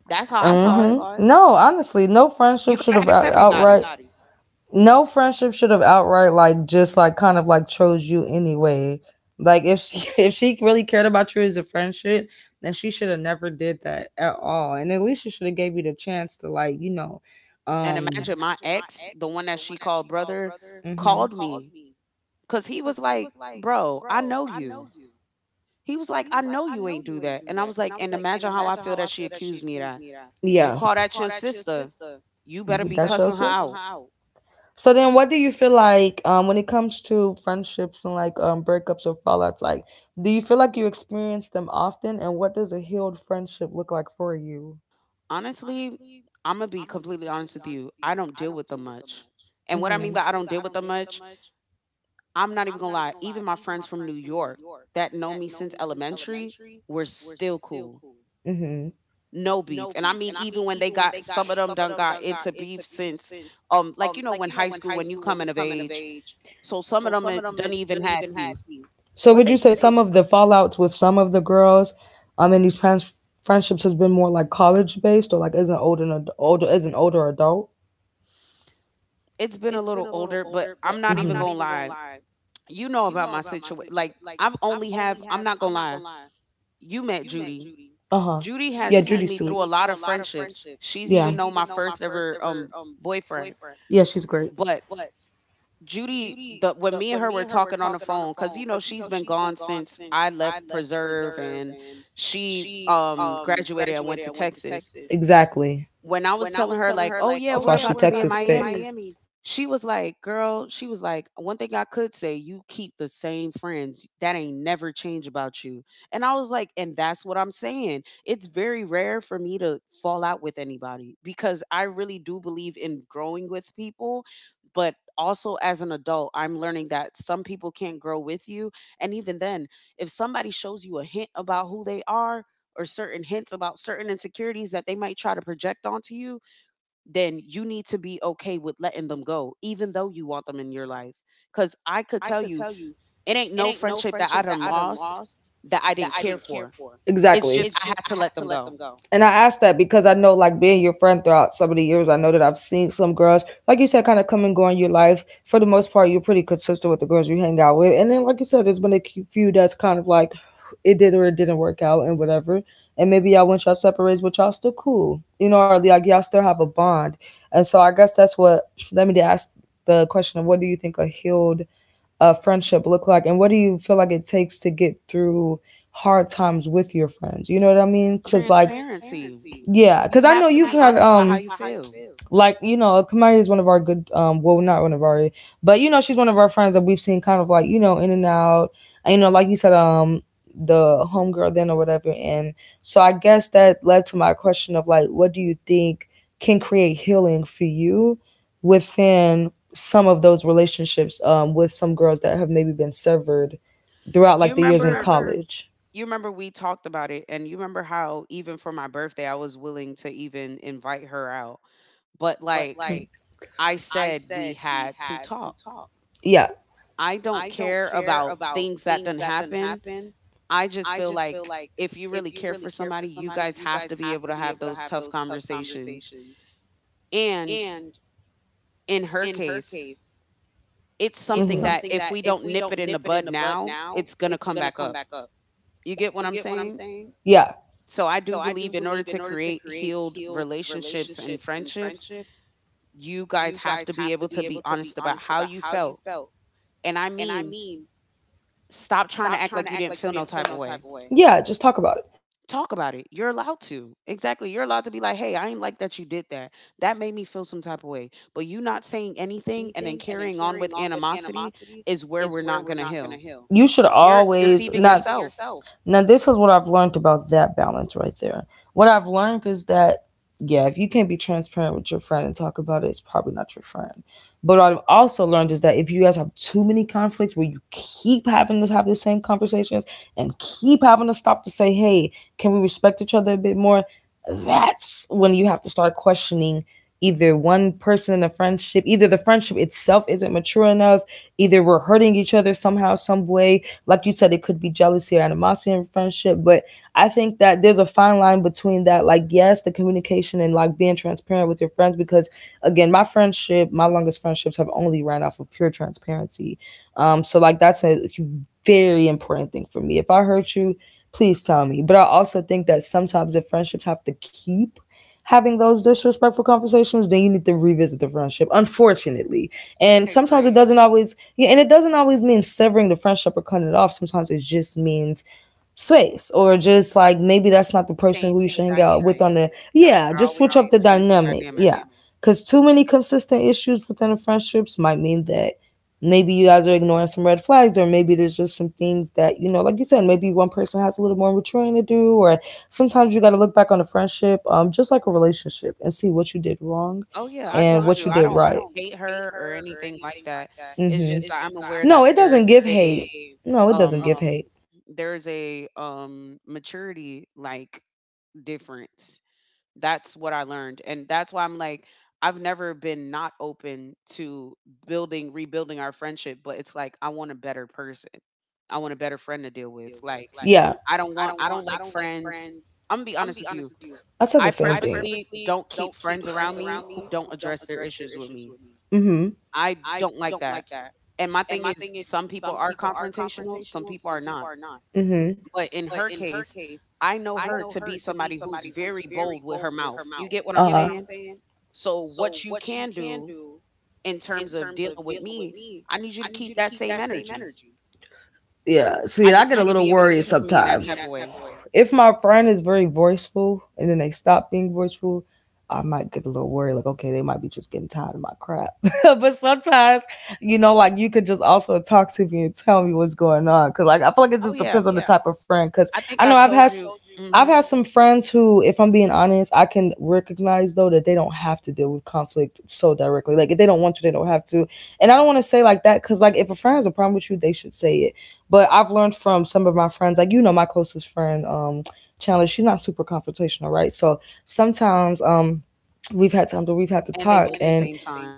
B: That's how
A: that's
B: I saw it.
A: No, honestly, no
B: You
A: friendship should
B: gotta ask everybody.
A: no friendship should have outright like just like kind of like chose you anyway. Like if she if she really cared about you as a friendship, then she should have never did that at all. And at least she should have gave you the chance to like you know,
B: And
A: um,
B: imagine my ex, the one that she called brother,
A: hmm
B: called me because he was like, "Bro, I know you." He was like, "I know you ain't do that." And I was like, and imagine how I feel that she accused me of that. You
A: yeah,
B: call that your sister, you better
A: you
B: be
A: that
B: cussing
A: shows
B: her
A: us.
B: out.
A: So then, what do you feel like when it comes to friendships and like breakups or fallouts? Like, do you feel like you experience them often, and what does a healed friendship look like for you?
B: Honestly, I'm going to be completely honest with you. I don't deal with them much. And
A: And
B: what I mean by I don't deal with
A: Mm-hmm.
B: them much, I'm not even gonna lie, even my friends from New York that know me since elementary, we're still cool.
A: Mm-hmm.
B: No beef. And I mean, even when they got, some of them done got into beef since, like, you know, when high school, when you coming of age. So some of them ain't- done even had beef.
A: So
B: But
A: would you
B: they
A: say
B: still,
A: some of the fallouts with some of the girls, in these trans friendships has been more like college based or like as an older older as an older adult?
B: it's been a little older, but I'm not
A: Mm-hmm.
B: even gonna lie. You know about my situation. Like, I've only have, I'm not gonna lie. You met Judy.
A: Uh huh.
B: Judy has
A: Yeah,
B: seen
A: Judy's
B: me
A: sweet.
B: through a lot of friendships. She's
A: Yeah,
B: even known my first ever boyfriend.
A: yeah, she's great.
B: But Judy, the when me and her were talking on the phone, because you know she's been gone since I left Preserve, and she graduated and went to Texas.
A: Exactly.
B: When I was telling her like, "Oh yeah,
A: That's
B: we're
A: why she
B: about to be in
A: Texas thick.
B: Miami," she was like, "Girl," she was like, "one thing I could say, you keep the same friends. That ain't never change about you." And I was like, and that's what I'm saying. It's very rare for me to fall out with anybody because I really do believe in growing with people. But also, as an adult, I'm learning that some people can't grow with you. And even then, if somebody shows you a hint about who they are, or certain hints about certain insecurities that they might try to project onto you, then you need to be okay with letting them go, even though you want them in your life. Because I could tell you, it ain't no friendship that I done lost that I didn't care for. It's
A: Exactly.
B: just I had to let them go.
A: And I ask that because I know, like, being your friend throughout some of the years, I know that I've seen some girls, like you said, kind of come and go in your life. For the most part, you're pretty consistent with the girls you hang out with. And then, like you said, there's been a few that's kind of like it did or it didn't work out and whatever. And maybe y'all went y'all separate ways, but y'all still cool, you know, or like y'all still have a bond. And so I guess that's what let me ask the question of what do you think a healed friendship look like, and what do you feel like it takes to get through hard times with your friends? You know what I mean? Because like
B: Transparency.
A: yeah,
B: You
A: because I
B: have
A: know
B: to
A: you've
B: be
A: had
B: honest about how you feel.
A: like you know, Kamari is one of our good well, not one of our, but you know, she's one of our friends that we've seen kind of like you know in and out, and you know, like you said, the homegirl then or whatever, and so I guess that led to my question of like, what do you think can create healing for you within some of those relationships with some girls that have maybe been severed throughout
B: You
A: like the years in
B: remember,
A: college?
B: you remember we talked about it, and you remember how even for my birthday I was willing to even invite her out. But like I said, we had to talk.
A: Yeah.
B: I don't care about things that done happen. I just feel like if you really care for somebody, you guys have to be able to have those tough conversations. And in her case, it's something that
A: Hmm.
B: if we don't nip it in the bud now, it's going to come back up. You get what I'm saying?
A: Yeah.
B: So I do believe, in order to create healed relationships and friendships, you guys have to be able to be honest about how you felt. And I mean, stop trying to act like you didn't feel no type of way.
A: Yeah, just talk about it.
B: Talk about it. You're allowed to. Exactly. You're allowed to be like, "Hey, I ain't like that you did that. That made me feel some type of way." But you not saying anything and then carrying on with animosity is where we're not going to heal
A: You should
B: because you're
A: always
B: deceiving
A: not
B: yourself.
A: Now, this is what I've learned about that balance right there. What I've learned is that, yeah, if you can't be transparent with your friend and talk about it, it's probably not your friend. But what I've also learned is that if you guys have too many conflicts where you keep having to have the same conversations and keep having to stop to say, hey, can we respect each other a bit more? That's when you have to start questioning either one person in the friendship, either the friendship itself isn't mature enough, either we're hurting each other somehow, some way, like you said, it could be jealousy or animosity in friendship, but I think that there's a fine line between that, like, yes, the communication and like being transparent with your friends. Because again, my friendship, my longest friendships have only ran off of pure transparency. So like that's a very important thing for me. If I hurt you, please tell me. But I also think that sometimes if friendships have to keep having those disrespectful conversations, then you need to revisit the friendship, unfortunately. And
B: I
A: sometimes it
B: agree.
A: doesn't always yeah, and it doesn't always mean severing the friendship or cutting it off. Sometimes it just means space or just like maybe that's not the person
B: Change
A: who you
B: the
A: should hang out with
B: dynamic.
A: on the
B: That's
A: yeah,
B: what I
A: just
B: always
A: switch
B: say,
A: up the
B: change the
A: dynamic.
B: dynamic.
A: Yeah. Cause too many consistent issues within the friendships might mean that maybe you guys are ignoring some red flags or maybe there's just some things that, you know, like you said, maybe one person has a little more maturing to do or sometimes you gotta look back on a friendship, just like a relationship and see what you did wrong
B: Oh, yeah. I
A: and
B: told
A: what
B: you,
A: you
B: I
A: did
B: don't
A: right.
B: hate her or anything like that. It's
A: Mm-hmm.
B: just that I'm aware
A: No,
B: that
A: it
B: there's
A: doesn't give
B: a,
A: hate. No, it doesn't give
B: um
A: hate.
B: there's a maturity, like, difference. That's what I learned, and that's why I'm like, I've never been not open to building, rebuilding our friendship, but it's like I want a better person. I want a better friend to deal with. Like,
A: Yeah,
B: I don't like friends. I'm gonna be honest with you.
A: I said the
B: I
A: same thing.
B: purposely don't keep friends around me who don't address their issues with me.
A: Mm-hmm.
B: I don't like that. And my thing is, some people are confrontational, some people are not.
A: Mm-hmm.
B: But in her case, I know her to be somebody who's very bold with her mouth. You get what I'm
A: Uh-huh.
B: saying? So what you can do in terms of dealing with me, I need you to keep that same energy.
A: Yeah. See,
B: I
A: I
B: need
A: get a
B: you to
A: little
B: be able to
A: worried
B: speak to me in that
A: sometimes.
B: type of way.
A: If my friend is very voiceful and then they stop being voiceful, I might get a little worried, like, okay, they might be just getting tired of my crap. But sometimes, you know, like you could just also talk to me and tell me what's going on. Cause like I feel like it
B: Oh
A: just
B: yeah,
A: depends on the type of friend. Cause
B: I think
A: I know
B: I
A: I've
B: told
A: had
B: you.
A: I've
B: Hmm.
A: had some friends who, if I'm being honest, I can recognize though that they don't have to deal with conflict so directly. Like if they don't want to, they don't have to. And I don't want to say like that because like if a friend has a problem with you, they should say it. But I've learned from some of my friends, like you know, my closest friend, Chandler, she's not super confrontational, right? So sometimes, we've had times where we've had to
B: And they
A: talk,
B: both the
A: and
B: same time.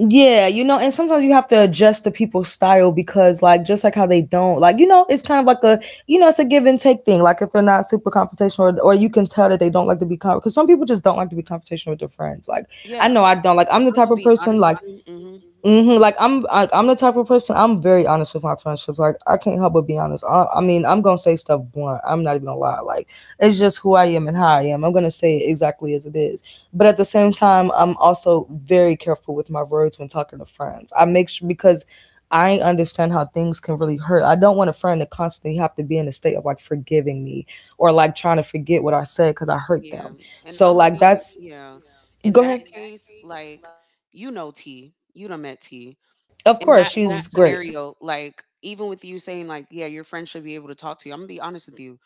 A: yeah, you know, and sometimes you have to adjust to people's style because, like, just like how they don't, like, you know, it's kind of like a, you know, it's a give and take thing. Like, if they're not super confrontational, or, you can tell that they don't like to be confrontational, because some people just don't like to be confrontational with their friends. Like, I
B: Yeah,
A: know I don't. Like, I'm the
B: I'm
A: type
B: gonna
A: of
B: be
A: person,
B: honest with
A: like,
B: you. Hmm.
A: hmm Like I'm the type of person. I'm very honest with my friendships. Like I can't help but be honest. I mean, I'm gonna say stuff blunt. I'm not even gonna lie. Like it's just who I am and how I am. I'm gonna say it exactly as it is. But at the same time, I'm also very careful with my words when talking to friends. I make sure because I understand how things can really hurt. I don't want a friend to constantly have to be in a state of like forgiving me or like trying to forget what I said because I hurt them.
B: Yeah, and
A: So
B: I'm gonna
A: like
B: be,
A: that's
B: yeah. In
A: go ahead.
B: that case, like, you know, T, you done met T.
A: Of
B: In
A: course,
B: that whole
A: she's great.
B: scenario, like, even with you saying like, yeah, your friend should be able to talk to you, I'm gonna be honest with you.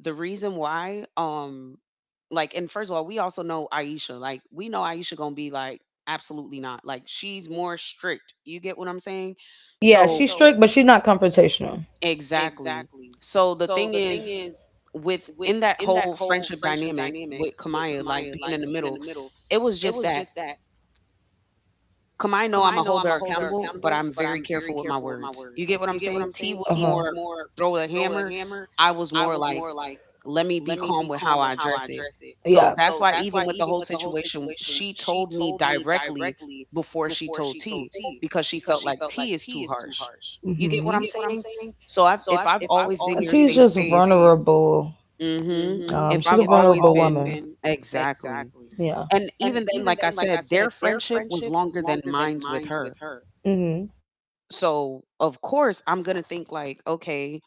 B: The reason why, like, and first of all, we also know Aisha. Like, we know Aisha gonna be like, absolutely not. Like, she's more strict. You get what I'm saying?
A: Yeah,
B: So
A: but she's not confrontational.
B: exactly. So the thing is, with, in that whole friendship dynamic with Kamaya, like, being in the middle, it was just that Kamaya know I'm a hold her accountable, but I'm very careful with my words. You get what I'm saying? T was more throw the hammer. I was more like, let me be calm with how I address it.
A: Yeah.
B: So that's why even with the whole situation, she told me directly before she told T because she felt like T is too harsh.
A: You
B: You get what I'm saying?
A: Mm-hmm.
B: So I've, if I've always been your
A: T's
B: safe space, hmm, if
A: she's
B: I've always been, exactly,
A: Yeah.
B: and even then, like I said, their friendship was longer than mine's with her.
A: Mm-hmm.
B: So of course, I'm gonna think like, okay,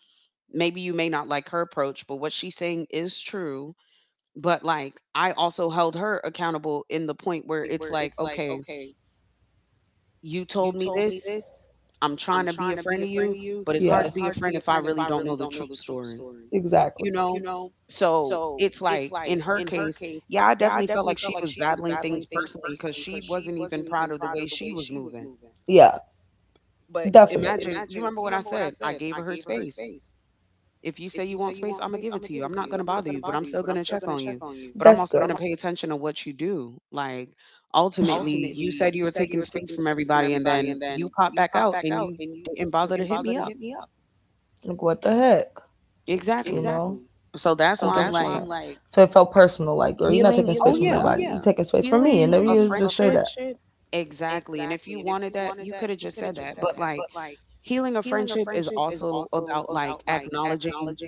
B: maybe you may not like her approach, but what she's saying is true. But like, I also held her accountable in the point where it's like, okay, you told me this. I'm trying to be a friend to you,
A: but
B: but it's
A: Yeah.
B: hard to be a friend if I really don't know the true story, you
A: Exactly.
B: know? So it's like in her case, yeah, I definitely felt like she was battling things personally because she wasn't even proud of the way she was moving.
A: Yeah.
B: But
A: But
B: imagine, you remember what I said? I gave her her space. If you say you want space, Imma give it to you. I'm not gonna bother you, but I'm still gonna check on you. But I'm
A: That's
B: also gonna pay attention to what you do. Like, ultimately, you said you were taking space from everybody, and then you pop back out and you didn't bother to hit me up.
A: Like, what the heck?
B: Exactly.
A: You
B: So that's why I'm like,
A: So it felt personal. Like, girl, you're not
B: healing, oh, yeah.
A: taking space from
B: Healing a friendship, exactly, and if you wanted that, you coulda just said that. But, like, healing a friendship is also about, like, acknowledging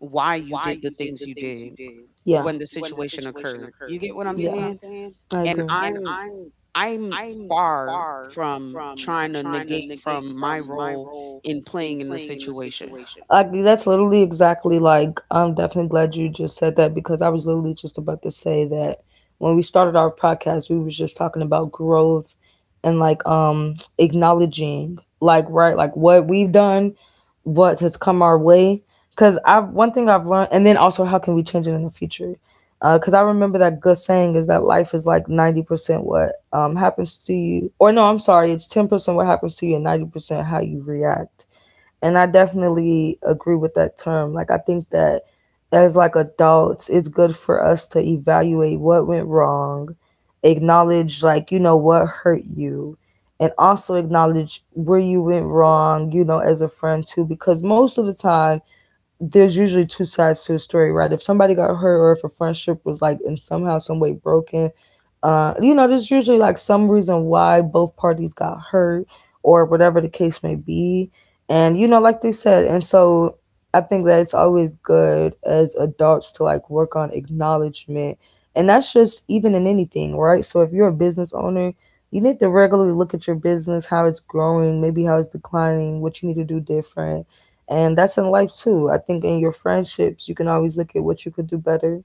B: why you did the things you did
A: Yeah,
B: when the situation occurred. You get what I'm
A: Yeah.
B: saying?
A: I
B: And
A: agree.
B: I'm far from trying to negate from my role in playing in the situation
A: That's literally exactly like I'm definitely glad you just said that because I was literally just about to say that when we started our podcast, we was just talking about growth and like acknowledging like right like what we've done, what has come our way. Cause I've one thing I've learned, and then also how can we change it in the future? Cause I remember that good saying is that life is like 90% what happens to you, or no, I'm sorry, it's 10% what happens to you and 90% how you react and I definitely agree with that term. Like I think that as like adults, it's good for us to evaluate what went wrong, acknowledge like you know what hurt you, and also acknowledge where you went wrong, you know, as a friend too because most of the time there's usually two sides to a story, right? If somebody got hurt or if a friendship was like in somehow some way broken, you know, there's usually like some reason why both parties got hurt or whatever the case may be. And you know, like they said, and so I think that it's always good as adults to like work on acknowledgement. And that's just even in anything, right? So if you're a business owner, you need to regularly look at your business, how it's growing, maybe how it's declining, what you need to do different and that's in life too. I think in your friendships you can always look at what you could do better,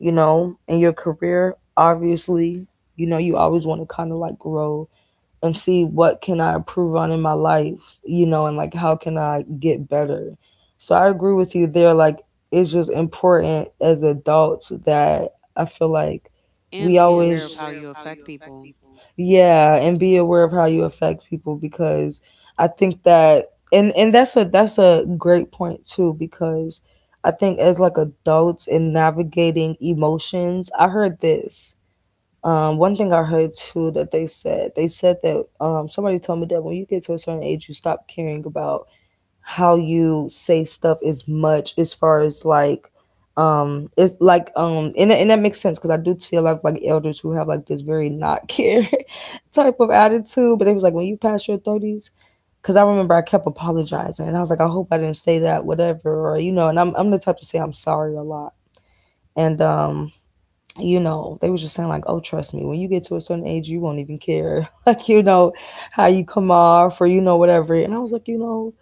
A: you know, in your career obviously, you know, you always want to kind of like grow and see what can I improve on in my life, you know, and like how can I get better. So I agree with you there. Like it's just important as adults that I feel like we Yeah,
B: and
A: be
B: be aware of
A: always
B: how you affect people.
A: yeah, and be aware of how you affect people because I think that and that's a great point too because I think as like adults in navigating emotions, I heard this one thing I heard too that they said that somebody told me that when you get to a certain age, you stop caring about how you say stuff as much as far as like, it's like, and that makes sense because I do see a lot of like elders who have like this very not care type of attitude. But they was like, when you pass your 30s, because I remember I kept apologizing and I was like, I hope I didn't say that, whatever, or you know, and I'm the type to say I'm sorry a lot. And you know, they were just saying like, "Oh, trust me, when you get to a certain age, you won't even care, like you know, how you come off or you know whatever." And I was like, you know,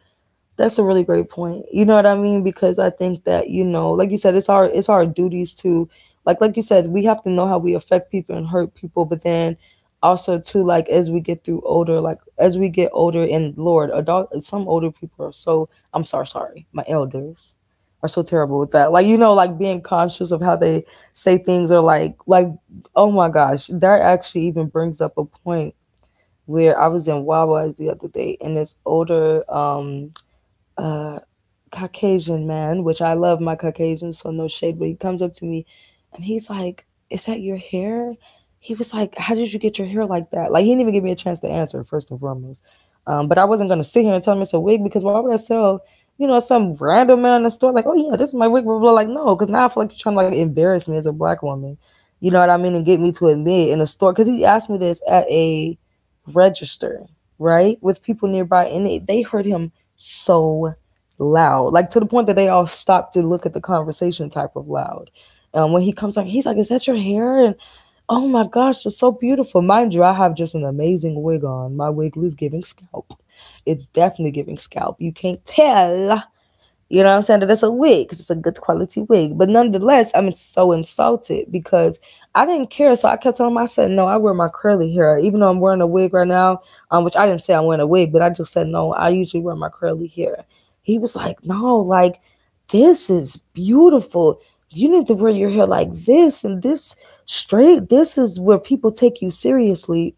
A: that's a really great point. You know what I mean? Because I think that, you know, like you said, it's our duties to like you said, we have to know how we affect people and hurt people, but then also too, like as we get through older, like as we get older and Lord, adult some older people are so I'm sorry, sorry, my elders are so terrible with that. Like, you know, like being conscious of how they say things or like oh my gosh, that actually even brings up a point where I was in Wawa's the other day and this older uh Caucasian man, which I love my Caucasian, so no shade, but he comes up to me and he's like, is that your hair? He was like, how did you get your hair like that? Like, he didn't even give me a chance to answer, first and foremost. But I wasn't going to sit here and tell him it's a wig because why would I sell, some random man in the store, like, oh, yeah, this is my wig, blah, blah, blah. Like, no, because now I feel like you're trying to like embarrass me as a black woman. You know what I mean? And get me to admit in a store. Because he asked me this at a register, right? With people nearby. And they heard him so loud, like to the point that they all stopped to look at the conversation type of loud. When he comes like he's like, "Is that your hair? And oh my gosh, it's so beautiful." Mind you, I have just an amazing wig on. My wig is giving scalp. It's definitely giving scalp. You can't tell, you know what I'm saying? That it's a wig because it's a good quality wig. But nonetheless, I'm so insulted because I didn't care. So I kept telling myself, I said, no, I wear my curly hair. Even though I'm wearing a wig right now, which I didn't say I'm wearing a wig, but I just said, no, I usually wear my curly hair. He was like, no, like, this is beautiful. You need to wear your hair like this and this straight. This is where people take you seriously.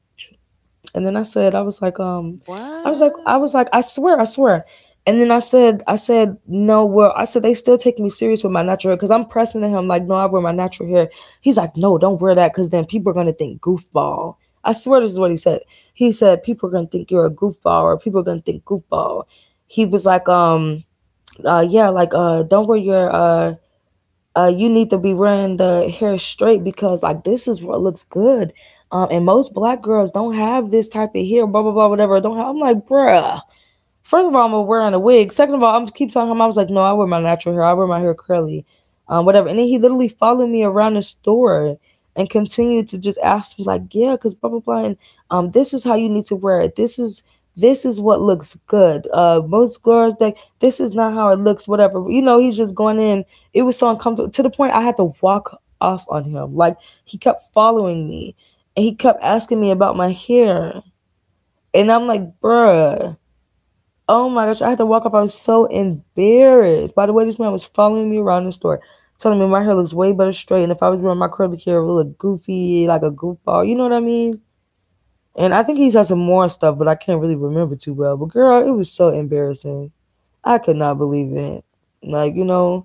A: And then I said, I was like,
B: What?
A: I swear, I swear. And then I said, no, well, I said they still take me serious with my natural hair because I'm pressing to him like, no, I wear my natural hair. He's like, no, don't wear that because then people are gonna think goofball. I swear this is what he said. He said people are gonna think you're a goofball or people are gonna think goofball. He was like, yeah, like, don't wear your you need to be wearing the hair straight because like this is what looks good. And most black girls don't have this type of hair, blah blah blah, whatever. Don't have. I'm like, bruh. First of all, I'm wearing a wig. Second of all, I'm keep telling him I was like, no, I wear my natural hair. I wear my hair curly, whatever. And then he literally followed me around the store and continued to just ask me like, yeah, cause blah blah blah, and this is how you need to wear it. This is what looks good. Most girls like this is not how it looks. Whatever, you know. He's just going in. It was so uncomfortable to the point I had to walk off on him. Like he kept following me, and he kept asking me about my hair, and I'm like, bruh. Oh my gosh, I had to walk off. I was so embarrassed. By the way, this man was following me around the store, telling me my hair looks way better straight. And if I was wearing my curly hair, it would look goofy, like a goofball. You know what I mean? And I think he's had some more stuff, but I can't really remember too well. But girl, it was so embarrassing. I could not believe it. Like, you know,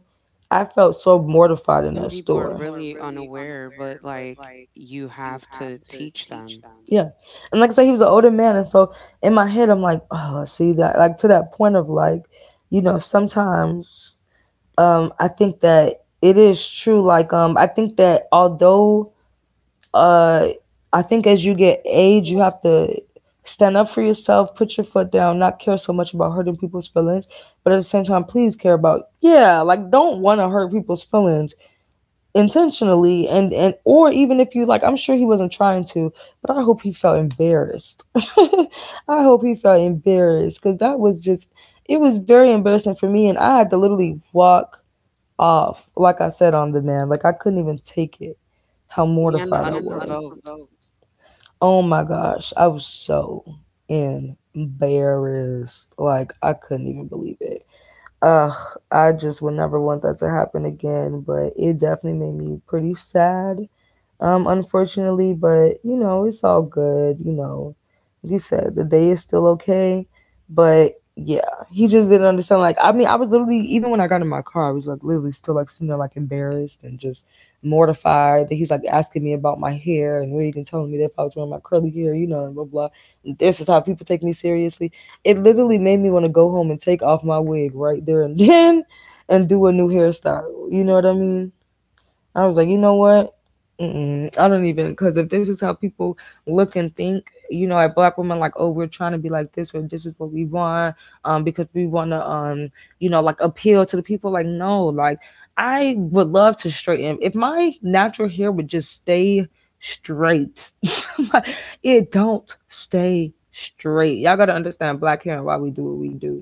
A: I felt so mortified in
B: Some
A: that
B: people are
A: store.
B: really unaware, but like, you have to teach them,
A: Yeah. And like I said, he was an older man. And so in my head, I'm like, oh, see that, like to that point of like, you know, sometimes I think that it is true. Like, I think that although uh, I think as you get age, you have to stand up for yourself, put your foot down, not care so much about hurting people's feelings. But at the same time, please care about, yeah, like don't want to hurt people's feelings intentionally and or even if you like I'm sure he wasn't trying to, but I hope he felt embarrassed. I hope he felt embarrassed because that was just it was very embarrassing for me and I had to literally walk off like I said on the man. Like I couldn't even take it how
B: and
A: mortified I was.
B: unprovoked,
A: Oh my gosh, I was so embarrassed, like I couldn't even believe it. Ugh, I just would never want that to happen again. But it definitely made me pretty sad, unfortunately. But you know, it's all good. You know, like you said, the day is still okay. But yeah, he just didn't understand. Like, I mean, I was literally even when I got in my car, I was like literally still like sitting there like embarrassed and just mortified that he's like asking me about my hair and where you can telling me that if I was wearing my curly hair, you know, and blah blah. This is how people take me seriously. It literally made me want to go home and take off my wig right there and then and do a new hairstyle. You know what I mean? I was like, you know what? Mm-mm, I don't even because if this is how people look and think, you know, at black women, like, oh, we're trying to be like this or this is what we want, because we want to, you know, like appeal to the people. Like, no, like I would love to straighten. If my natural hair would just stay straight, it don't stay straight. Y'all gotta understand black hair and why we do what we do.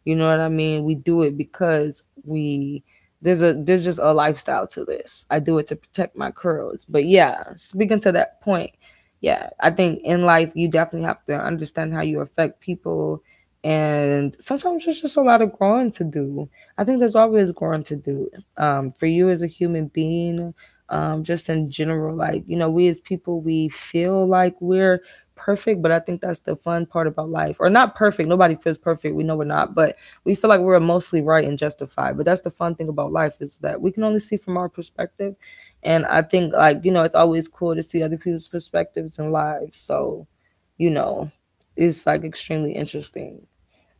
A: You know what I mean? We do it because we there's just a lifestyle to this. I do it to protect my curls. But yeah, speaking to that point, yeah, I think in life you definitely have to understand how you affect people and sometimes there's just a lot of growing to do. I think there's always growing to do. For you as a human being, just in general, like, you know, we as people, we feel like we're perfect, but I think that's the fun part about life. Or not perfect. Nobody feels perfect. We know we're not, but we feel like we're mostly right and justified. But that's the fun thing about life is that we can only see from our perspective. And I think like, you know, it's always cool to see other people's perspectives and lives. So, you know, it's like extremely interesting.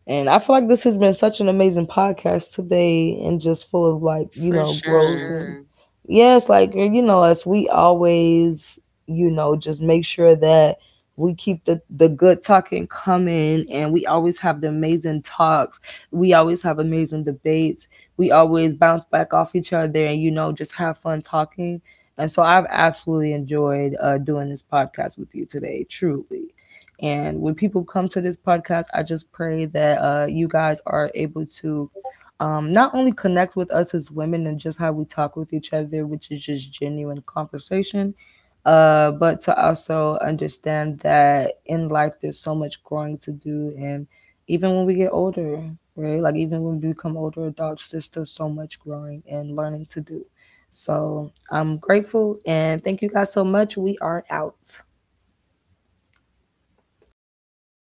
A: And I feel like this has been such an amazing podcast today and just full of like, you
B: for
A: know, growth
B: sure.
A: and yes, like and you know, us we always, you know, just make sure that we keep the good talking coming and we always have the amazing talks. We always have amazing debates. We always bounce back off each other and you know, just have fun talking. And so I've absolutely enjoyed doing this podcast with you today, truly. And when people come to this podcast, I just pray that you guys are able to not only connect with us as women and just how we talk with each other, which is just genuine conversation, but to also understand that in life there's so much growing to do. And even when we get older, right? Like even when we become older adults, there's still so much growing and learning to do. So I'm grateful and thank you guys so much. We are out.